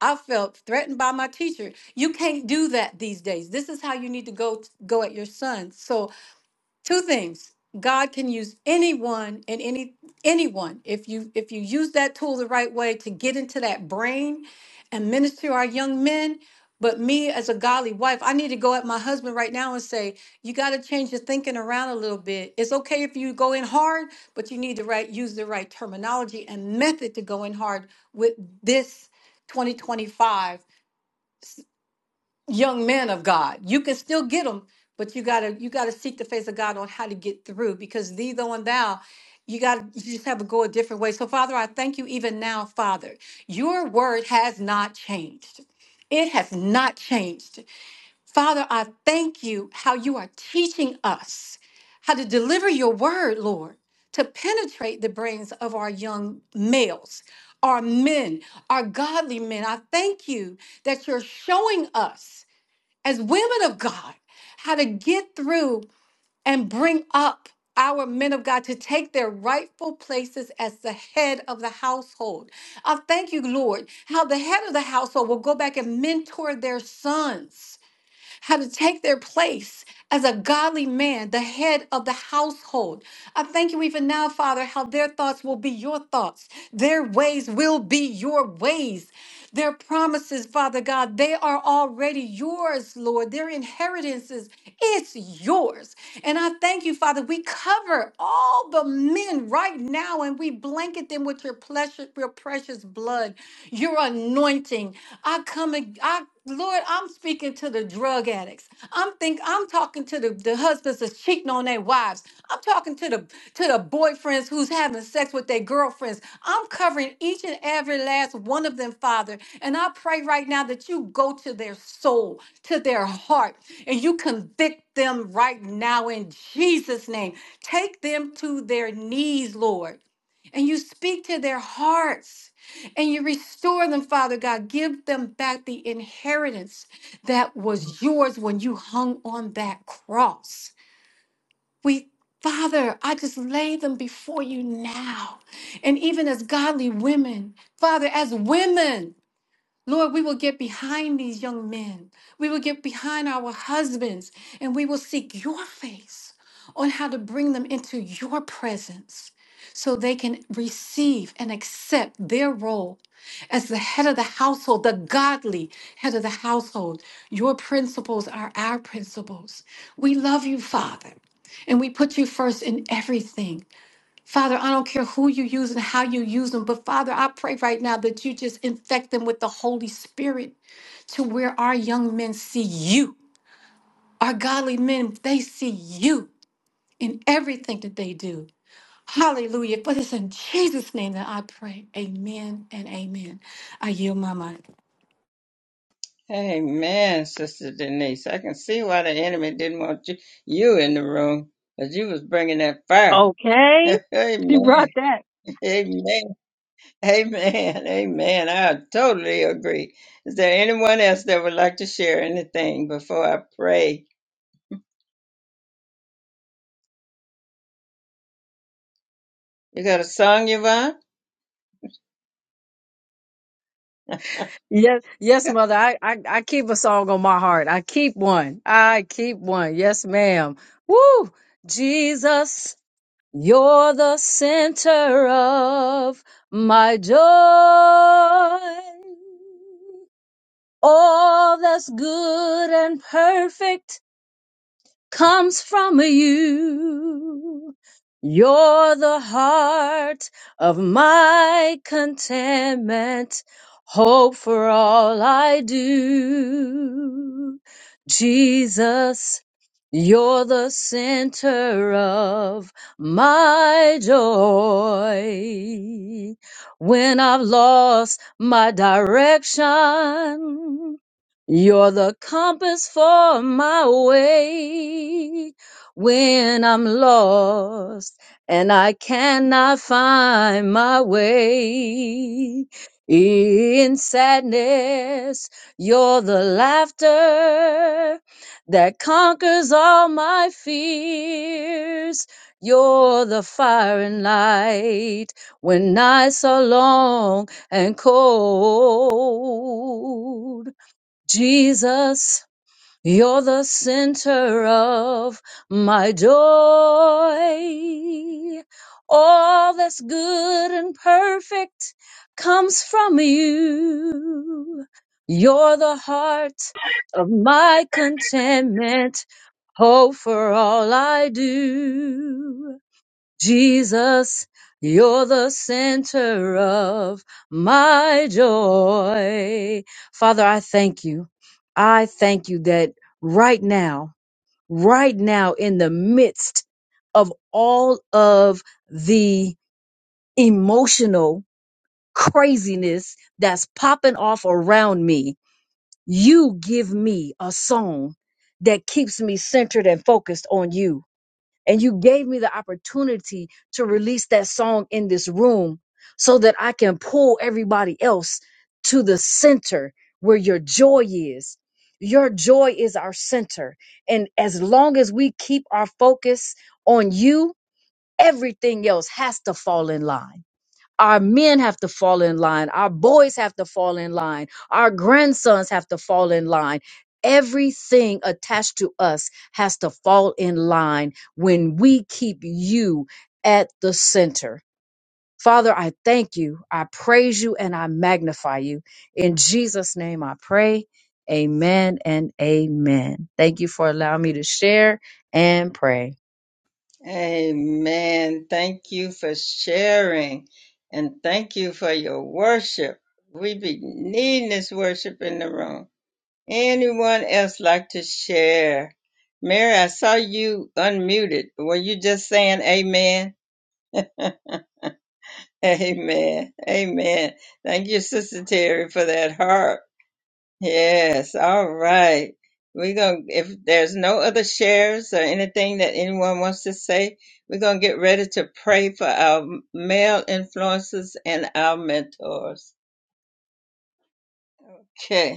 G: i felt threatened by my teacher you can't do that these days this is how you need to go go at your son so two things god can use anyone and any anyone if you if you use that tool the right way to get into that brain and minister to our young men but me as a godly wife i need to go at my husband right now and say you got to change your thinking around a little bit it's okay if you go in hard but you need to right use the right terminology and method to go in hard with this 2025 young man of God. You can still get them, but you gotta you gotta seek the face of God on how to get through because thee though and thou, you gotta you just have to go a different way. So Father, I thank you even now, Father. Your word has not changed. It has not changed. Father, I thank you how you are teaching us how to deliver your word, Lord, to penetrate the brains of our young males, our men, our godly men. I thank you that you're showing us as women of God how to get through and bring up our men of God to take their rightful places as the head of the household. I thank you, Lord, how the head of the household will go back and mentor their sons how to take their place as a godly man, the head of the household. I thank you even now, Father, how their thoughts will be your thoughts, their ways will be your ways. Their promises, Father God, they are already yours, Lord. Their inheritances, it's yours. And I thank you, Father. We cover all the men right now and we blanket them with your precious, your precious blood, your anointing. I come, ag- I Lord, I'm speaking to the drug addicts. I'm think I'm talking to the, the husbands that's cheating on their wives. I'm talking to the to the boyfriends who's having sex with their girlfriends. I'm covering each and every last one of them, Father. And I pray right now that you go to their soul, to their heart, and you convict them right now in Jesus' name. Take them to their knees, Lord. And you speak to their hearts and you restore them, Father God. Give them back the inheritance that was yours when you hung on that cross. We Father, I just lay them before you now. And even as godly women, Father, as women. Lord, we will get behind these young men. We will get behind our husbands and we will seek your face on how to bring them into your presence so they can receive and accept their role as the head of the household, the godly head of the household. Your principles are our principles. We love you, Father, and we put you first in everything. Father, I don't care who you use and how you use them, but Father, I pray right now that you just infect them with the Holy Spirit to where our young men see you. Our godly men, they see you in everything that they do. Hallelujah. But it's in Jesus' name that I pray. Amen and amen. I yield my mind.
A: Amen, Sister Denise. I can see why the enemy didn't want you, you in the room, because you was bringing that fire.
H: Okay.
A: amen,
H: She brought that.
A: amen, amen, amen. I totally agree. Is there anyone else that would like to share anything before I pray? You got a song, Yvonne?
H: Yes, yes, mother. I, I, I keep a song on my heart. I keep one. I keep one. Yes, ma'am. Woo! Jesus, you're the center of my joy. All that's good and perfect comes from you. You're the heart of my contentment, hope for all I do. Jesus, you're the center of my joy. When I've lost my direction, you're the compass for my way when I'm lost and I cannot find my way. In sadness, you're the laughter that conquers all my fears. You're the fire and light when nights are long and cold. Jesus, you're the center of my joy. All that's good and perfect comes from you. You're the heart of my contentment, hope for all I do. Jesus, you're the center of my joy. Father, I thank you. I thank you that right now, right now, in the midst of all of the emotional craziness that's popping off around me, you give me a song that keeps me centered and focused on you and you gave me the opportunity to release that song in this room so that I can pull everybody else to the center where your joy is. Your joy is our center. And as long as we keep our focus on you, everything else has to fall in line our men have to fall in line. Our boys have to fall in line. Our grandsons have to fall in line. Everything attached to us has to fall in line when we keep you at the center. Father, I thank you. I praise you and I magnify you. In Jesus' name I pray. Amen and amen. Thank you for allowing me to share and pray.
A: Amen. Thank you for sharing and thank you for your worship. We be needing this worship in the room. Anyone else like to share? Mary, I saw you unmuted. Were you just saying amen? Amen. Amen. Thank you, Sister Terry, for that heart. Yes. All right. We're going to, if there's no other shares or anything that anyone wants to say, we're going to get ready to pray for our male influences and our mentors. Okay.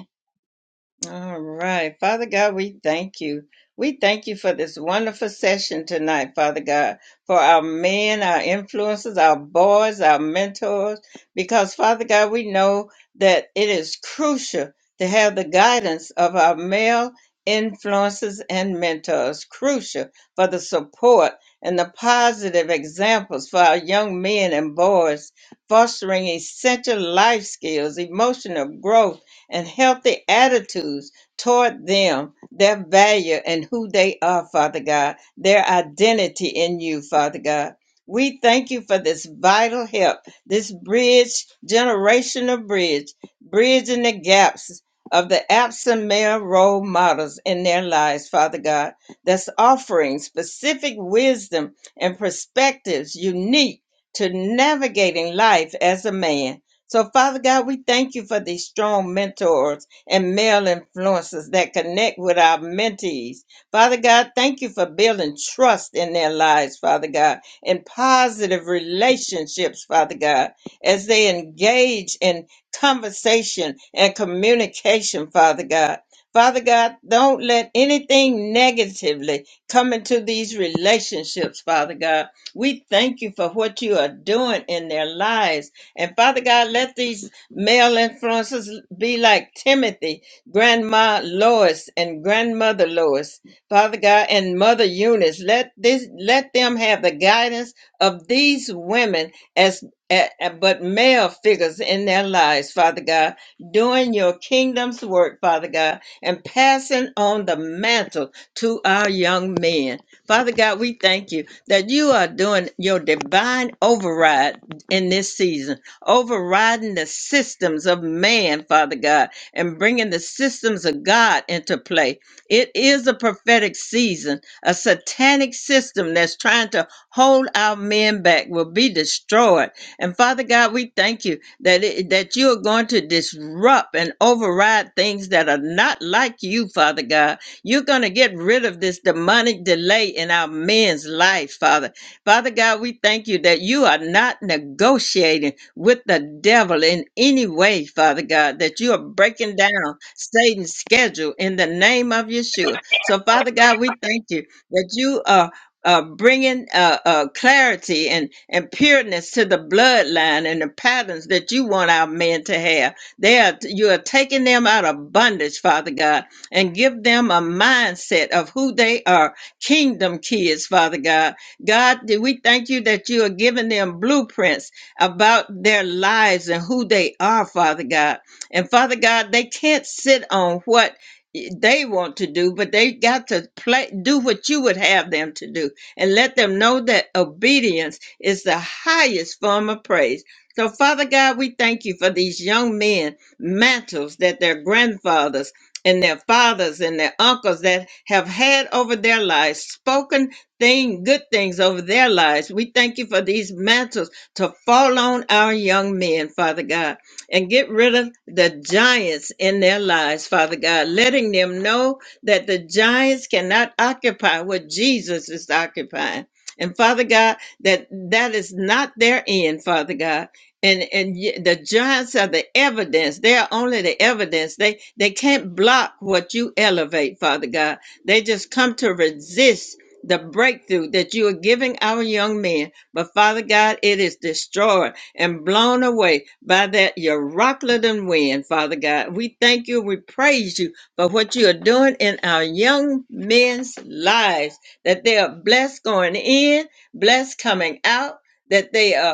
A: All right. Father God, we thank you. We thank you for this wonderful session tonight, Father God, for our men, our influences, our boys, our mentors, because Father God, we know that it is crucial to have the guidance of our male influences and mentors, crucial for the support and the positive examples for our young men and boys, fostering essential life skills, emotional growth and healthy attitudes toward them, their value and who they are, Father God, their identity in you, Father God. We thank you for this vital help, this bridge, generational bridge, bridging the gaps of the absent male role models in their lives, Father God, that's offering specific wisdom and perspectives unique to navigating life as a man so, Father God, we thank you for these strong mentors and male influences that connect with our mentees. Father God, thank you for building trust in their lives, Father God, and positive relationships, Father God, as they engage in conversation and communication, Father God. Father God, don't let anything negatively come into these relationships, Father God. We thank you for what you are doing in their lives and Father God, let these male influences be like Timothy, Grandma Lois, and Grandmother Lois, Father God, and Mother Eunice. Let this let them have the guidance of these women as a- a- but male figures in their lives, Father God, doing your kingdom's work, Father God, and passing on the mantle to our young men. Father God, we thank you that you are doing your divine override in this season, overriding the systems of man, Father God, and bringing the systems of God into play. It is a prophetic season. A satanic system that's trying to hold our men back will be destroyed. And Father God, we thank you that it, that you are going to disrupt and override things that are not like you, Father God you're going to get rid of this demonic delay in our men's life, Father. Father God, we thank you that you are not negotiating with the devil in any way, Father God, that you are breaking down Satan's schedule in the name of Yeshua. So, Father God, we thank you that you are. Uh, bringing uh, uh, clarity and, and pureness to the bloodline and the patterns that you want our men to have. They are, you are taking them out of bondage, Father God, and give them a mindset of who they are kingdom kids father god god we thank you that you are giving them blueprints about their lives and who they are father god and father god they can't sit on what they want to do but they got to play do what you would have them to do and let them know that obedience is the highest form of praise so father god we thank you for these young men mantles that their grandfathers and their fathers and their uncles that have had over their lives spoken thing good things over their lives we thank you for these mantles to fall on our young men father god and get rid of the giants in their lives father god letting them know that the giants cannot occupy what jesus is occupying and father god that that is not their end father god and and y- the giants are the evidence they are only the evidence they they can't block what you elevate father god they just come to resist the breakthrough that you are giving our young men but father god it is destroyed and blown away by that Euroclidon wind father god we thank you we praise you for what you are doing in our young men's lives that they are blessed going in blessed coming out that they are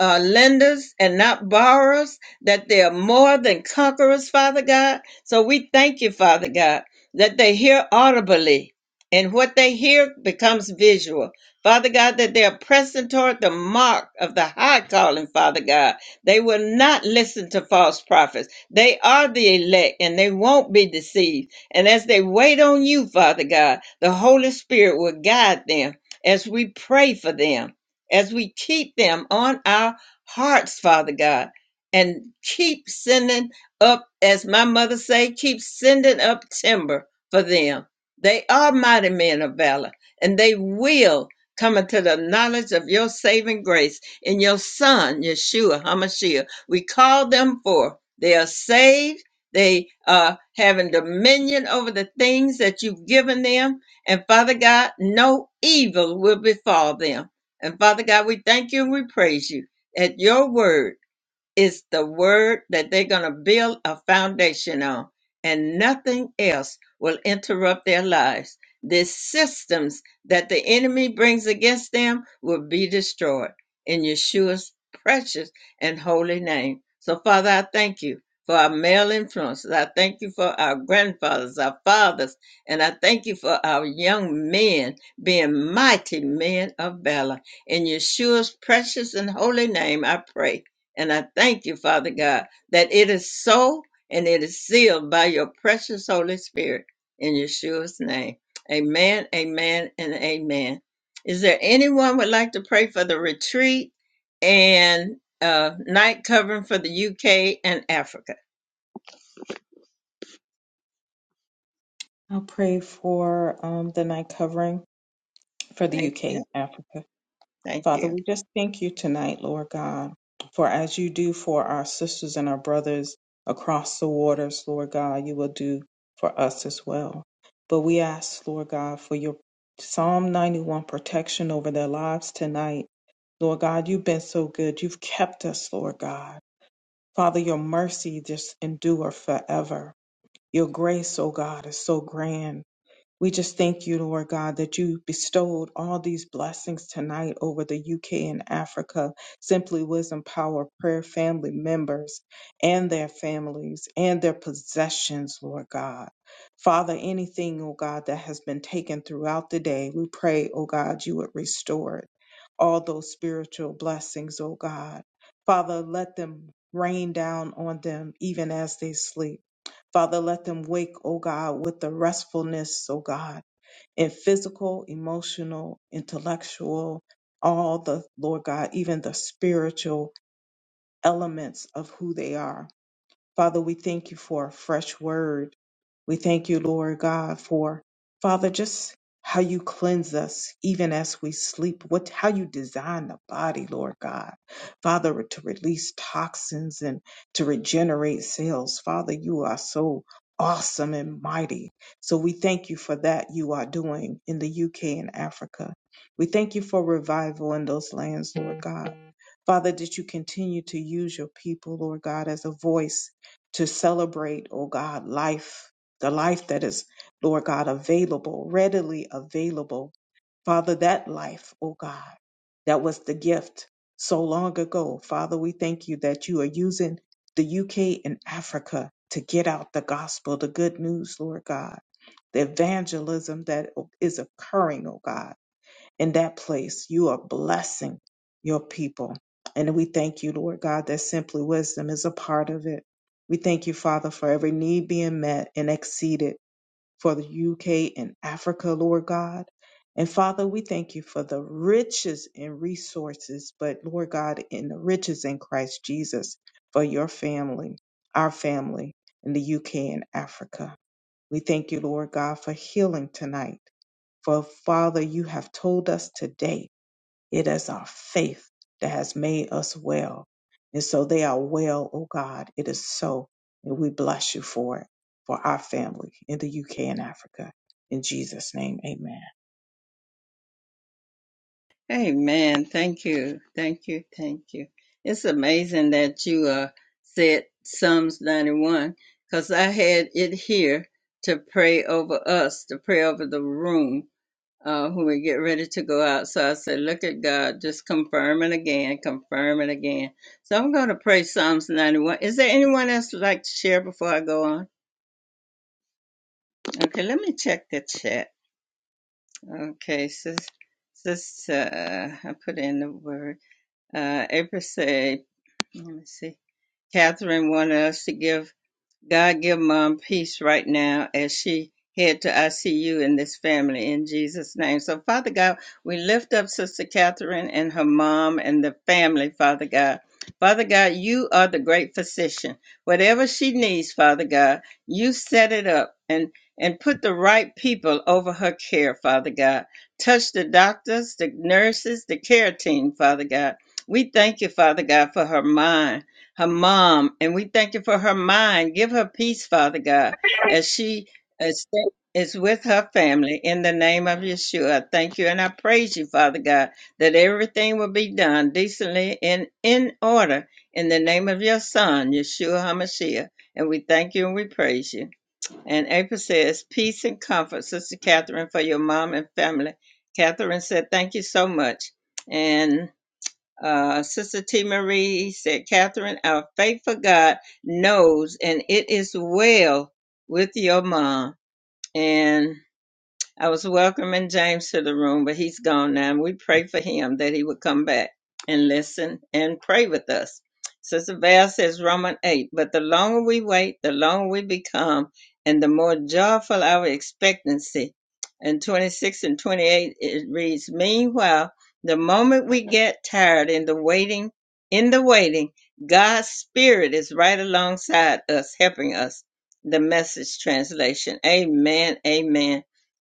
A: uh, lenders and not borrowers, that they are more than conquerors, Father God. So we thank you, Father God, that they hear audibly and what they hear becomes visual. Father God, that they are pressing toward the mark of the high calling, Father God. They will not listen to false prophets. They are the elect and they won't be deceived. And as they wait on you, Father God, the Holy Spirit will guide them as we pray for them as we keep them on our hearts, Father God, and keep sending up, as my mother say, keep sending up timber for them. They are mighty men of valor, and they will come into the knowledge of your saving grace in your Son, Yeshua HaMashiach. We call them forth. They are saved. They are having dominion over the things that you've given them. And Father God, no evil will befall them and Father God, we thank you and we praise you at your word. It's the word that they're going to build a foundation on, and nothing else will interrupt their lives. The systems that the enemy brings against them will be destroyed in Yeshua's precious and holy name. So, Father, I thank you for our male influences. I thank you for our grandfathers, our fathers, and I thank you for our young men being mighty men of valor. In Yeshua's precious and holy name, I pray. And I thank you, Father God, that it is so and it is sealed by your precious Holy Spirit in Yeshua's name. Amen, amen, and amen. Is there anyone would like to pray for the retreat and uh, night covering for the UK and Africa?
C: I'll pray for um, the night covering for the
A: Thank
C: UK and
A: you.
C: Africa.
A: Thank
C: Father,
A: you.
C: we just thank you tonight, Lord God, for as you do for our sisters and our brothers across the waters, Lord God, you will do for us as well. But we ask, Lord God, for your Psalm 91 protection over their lives tonight. Lord God, you've been so good. You've kept us, Lord God. Father, your mercy just endure forever. Your grace, O God, is so grand. We just thank you, Lord God, that you bestowed all these blessings tonight over the UK and Africa, Simply Wisdom Power Prayer family members and their families and their possessions, Lord God. Father, anything, oh God, that has been taken throughout the day, we pray, oh God, you would restore it. All those spiritual blessings, oh God. Father, let them rain down on them even as they sleep. Father, let them wake, O God, with the restfulness, O God, in physical, emotional, intellectual, all the, Lord God, even the spiritual elements of who they are. Father, we thank you for a fresh word. We thank you, Lord God, for Father, just how you cleanse us even as we sleep, what how you design the body, Lord God. Father, to release toxins and to regenerate cells. Father, you are so awesome and mighty. So we thank you for that you are doing in the UK and Africa. We thank you for revival in those lands, Lord God. Father, that you continue to use your people, Lord God, as a voice to celebrate, oh God, life, the life that is, Lord God, available, readily available. Father, that life, oh God, that was the gift so long ago. Father, we thank you that you are using the UK and Africa to get out the gospel, the good news, Lord God, the evangelism that is occurring, oh God in that place. You are blessing your people. And we thank you, Lord God, that simply wisdom is a part of it. We thank you, Father, for every need being met and exceeded for the UK and Africa, Lord God. And Father, we thank you for the riches and resources, but Lord God, in the riches in Christ Jesus for your family, our family in the UK and Africa. We thank you, Lord God, for healing tonight. For Father, you have told us today it is our faith that has made us well. And so they are well, oh God. It is so. And we bless you for it, for our family in the UK and Africa. In Jesus' name, amen.
A: Amen. Thank you. Thank you. Thank you. It's amazing that you uh, said Psalms 91 because I had it here to pray over us, to pray over the room uh, when we get ready to go out. So I said, Look at God, just confirm it again, confirm it again. So I'm going to pray Psalms 91. Is there anyone else would like to share before I go on? Okay, let me check the chat. Okay, sis, sis, uh, I put in the word. Uh, April said, let me see, Catherine wanted us to give God give mom peace right now as she head to ICU in this family in Jesus' name. So, Father God, we lift up Sister Catherine and her mom and the family, Father God. Father God, you are the great physician. Whatever she needs, Father God, you set it up and and put the right people over her care, Father God. Touch the doctors, the nurses, the care team, Father God. We thank you, Father God, for her mind her mom, and we thank you for her mind. Give her peace, Father God, as she is, is with her family in the name of Yeshua. I Thank you, and I praise you, Father God, that everything will be done decently and in order in the name of your Son, Yeshua HaMashiach. And we thank you and we praise you. And April says, Peace and comfort, Sister Catherine, for your mom and family. Catherine said, Thank you so much. And uh, Sister T. Marie said, Catherine, our faithful God knows, and it is well with your mom. And I was welcoming James to the room, but he's gone now. And we pray for him that he would come back and listen and pray with us. Sister Val says Romans 8, but the longer we wait, the longer we become, and the more joyful our expectancy. And 26 and 28, it reads, Meanwhile, the moment we get tired in the waiting, in the waiting, God's Spirit is right alongside us, helping us. The message translation. Amen. Amen.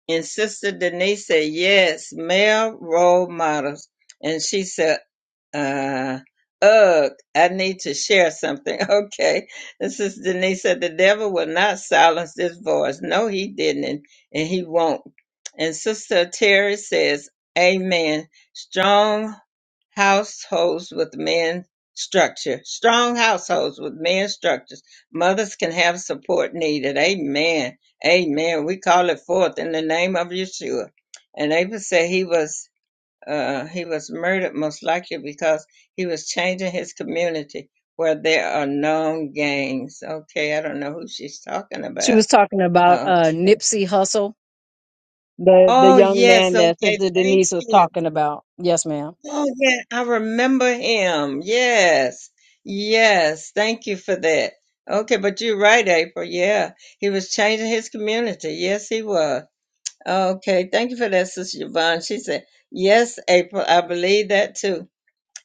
A: And Sister Denise said, yes, male role models. And she said, uh, ugh, I need to share something. Okay. This is Denise said the devil will not silence this voice. No, he didn't, and, he won't. And Sister Terry says, Amen. Strong households with men structure. Strong households with men structures. Mothers can have support needed. Amen. Amen. We call it forth in the name of Yeshua. And Abel said he was uh, he was murdered most likely because he was changing his community where there are known gangs. Okay, I don't know who she's talking
H: She
A: about.
H: was talking about
A: Okay.
H: uh, Nipsey Hussle The the
A: Oh
H: young
A: yes,
H: man that
A: okay,
H: Sister
A: thank
H: Denise was
A: you.
H: talking about. Yes, ma'am.
A: Oh yeah, I remember him. Yes. Yes, thank you for that. Okay, but you're right, April. Yeah. He was changing his community. Yes, he was. Okay, thank you for that, Sister Yvonne. She said, Yes, April, I believe that too.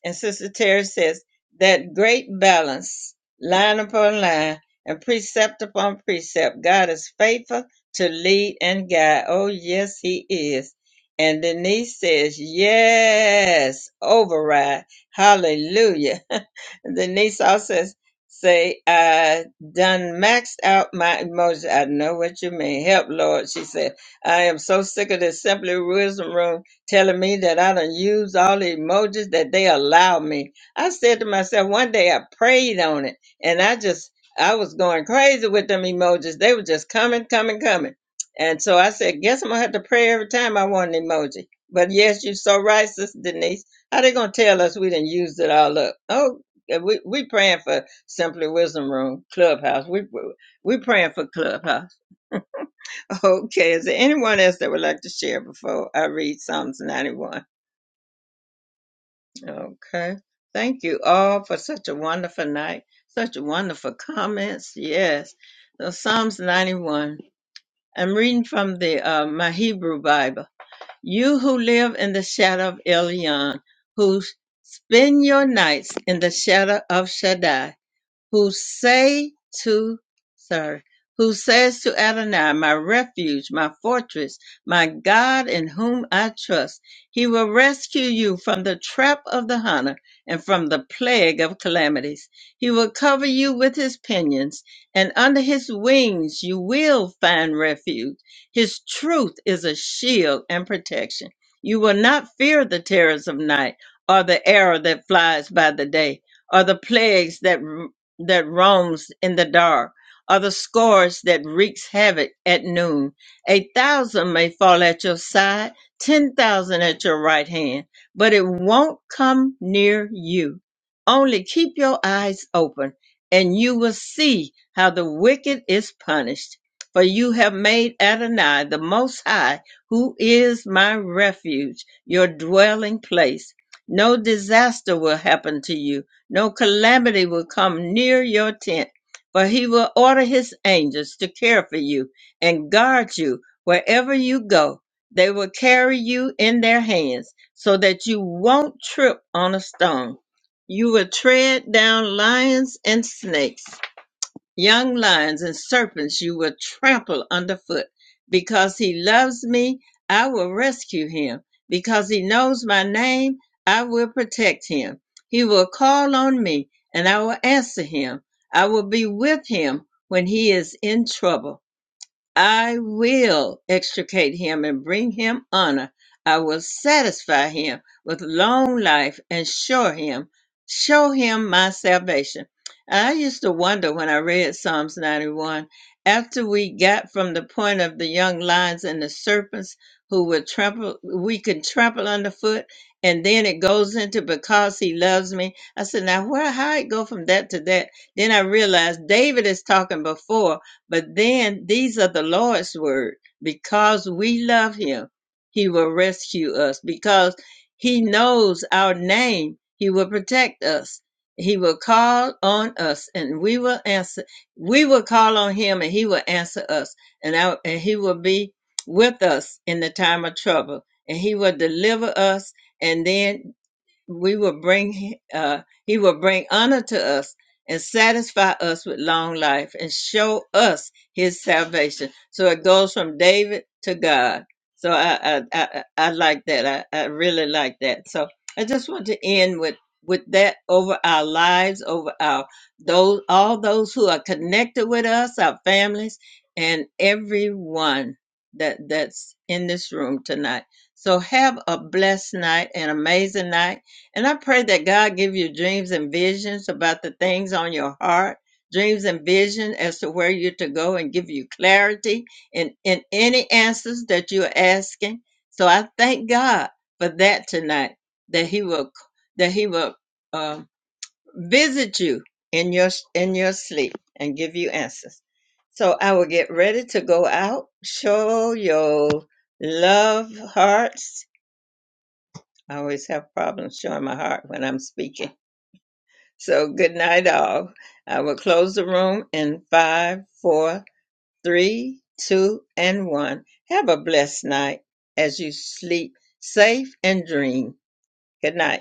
A: And Sister Terry says, that great balance, line upon line, and precept upon precept, God is faithful to lead and guide. Oh, yes, He is. And Denise says, yes, override. Hallelujah. Denise also says, say, I done maxed out my emotions. I know what you mean. Help, Lord. She said, I am so sick of this Simply Wisdom Room telling me that I done used all the emojis that they allowed me. I said to myself, one day I prayed on it and I just, I was going crazy with them emojis. They were just coming, coming, coming. And so I said, guess I'm gonna have to pray every time I want an emoji. But yes, you're so right, Sister Denise. How they gonna tell us we didn't use it all up? Oh, yeah, we we praying for Simply Wisdom Room Clubhouse. We we praying for Clubhouse. Okay, is there anyone else that would like to share before I read Psalms 91? Okay. Thank you all for such a wonderful night, such wonderful comments. Yes. So Psalms 91. I'm reading from the uh, my Hebrew Bible. You who live in the shadow of Elion, who spend your nights in the shadow of Shaddai, who say to sorry who says to Adonai, my refuge, my fortress, my God in whom I trust. He will rescue you from the trap of the hunter and from the plague of calamities. He will cover you with his pinions, and under his wings you will find refuge. His truth is a shield and protection. You will not fear the terrors of night or the arrow that flies by the day or the plagues that that roams in the dark, or the scourge that wreaks havoc at noon. A thousand may fall at your side, ten thousand at your right hand, but it won't come near you. Only keep your eyes open, and you will see how the wicked is punished. For you have made Adonai the Most High, who is my refuge, your dwelling place. No disaster will happen to you no calamity will come near your tent, for he will order his angels to care for you and guard you wherever you go. They will carry you in their hands so that you won't trip on a stone. You will tread down lions and snakes. Young lions and serpents you will trample underfoot. Because he loves me, I will rescue him. Because he knows my name, I will protect him. He will call on me, and I will answer him. I will be with him when he is in trouble. I will extricate him and bring him honor. I will satisfy him with long life and show him, show him my salvation. I used to wonder when I read Psalms 91, after we got from the point of the young lions and the serpents who would trample, we could trample underfoot, and then it goes into because he loves me. I said, now where, how it go from that to that? Then I realized David is talking before but then these are the Lord's word. Because we love him, he will rescue us. Because he knows our name, he will protect us. He will call on us and we will answer. We will call on him and he will answer us. And, our, and he will be with us in the time of trouble. And he will deliver us. And then we will bring uh, he will bring honor to us and satisfy us with long life and show us his salvation so it goes from david to god so i i i, I like that I, I really like that so i just want to end with with that over our lives over our those all those who are connected with us our families and everyone that that's in this room tonight so have a blessed night an amazing night and I pray that God give you dreams and visions about the things on your heart, dreams and vision as to where you're to go and give you clarity in, in any answers that you're asking. So I thank God for that tonight, that he will, that he will um visit you in your, in your sleep and give you answers. So I will get ready to go out, show your love hearts. I always have problems showing my heart when I'm speaking so good night, all. I will close the room in five, four, three, two, and one. Have a blessed night as you sleep safe and dream. Good night.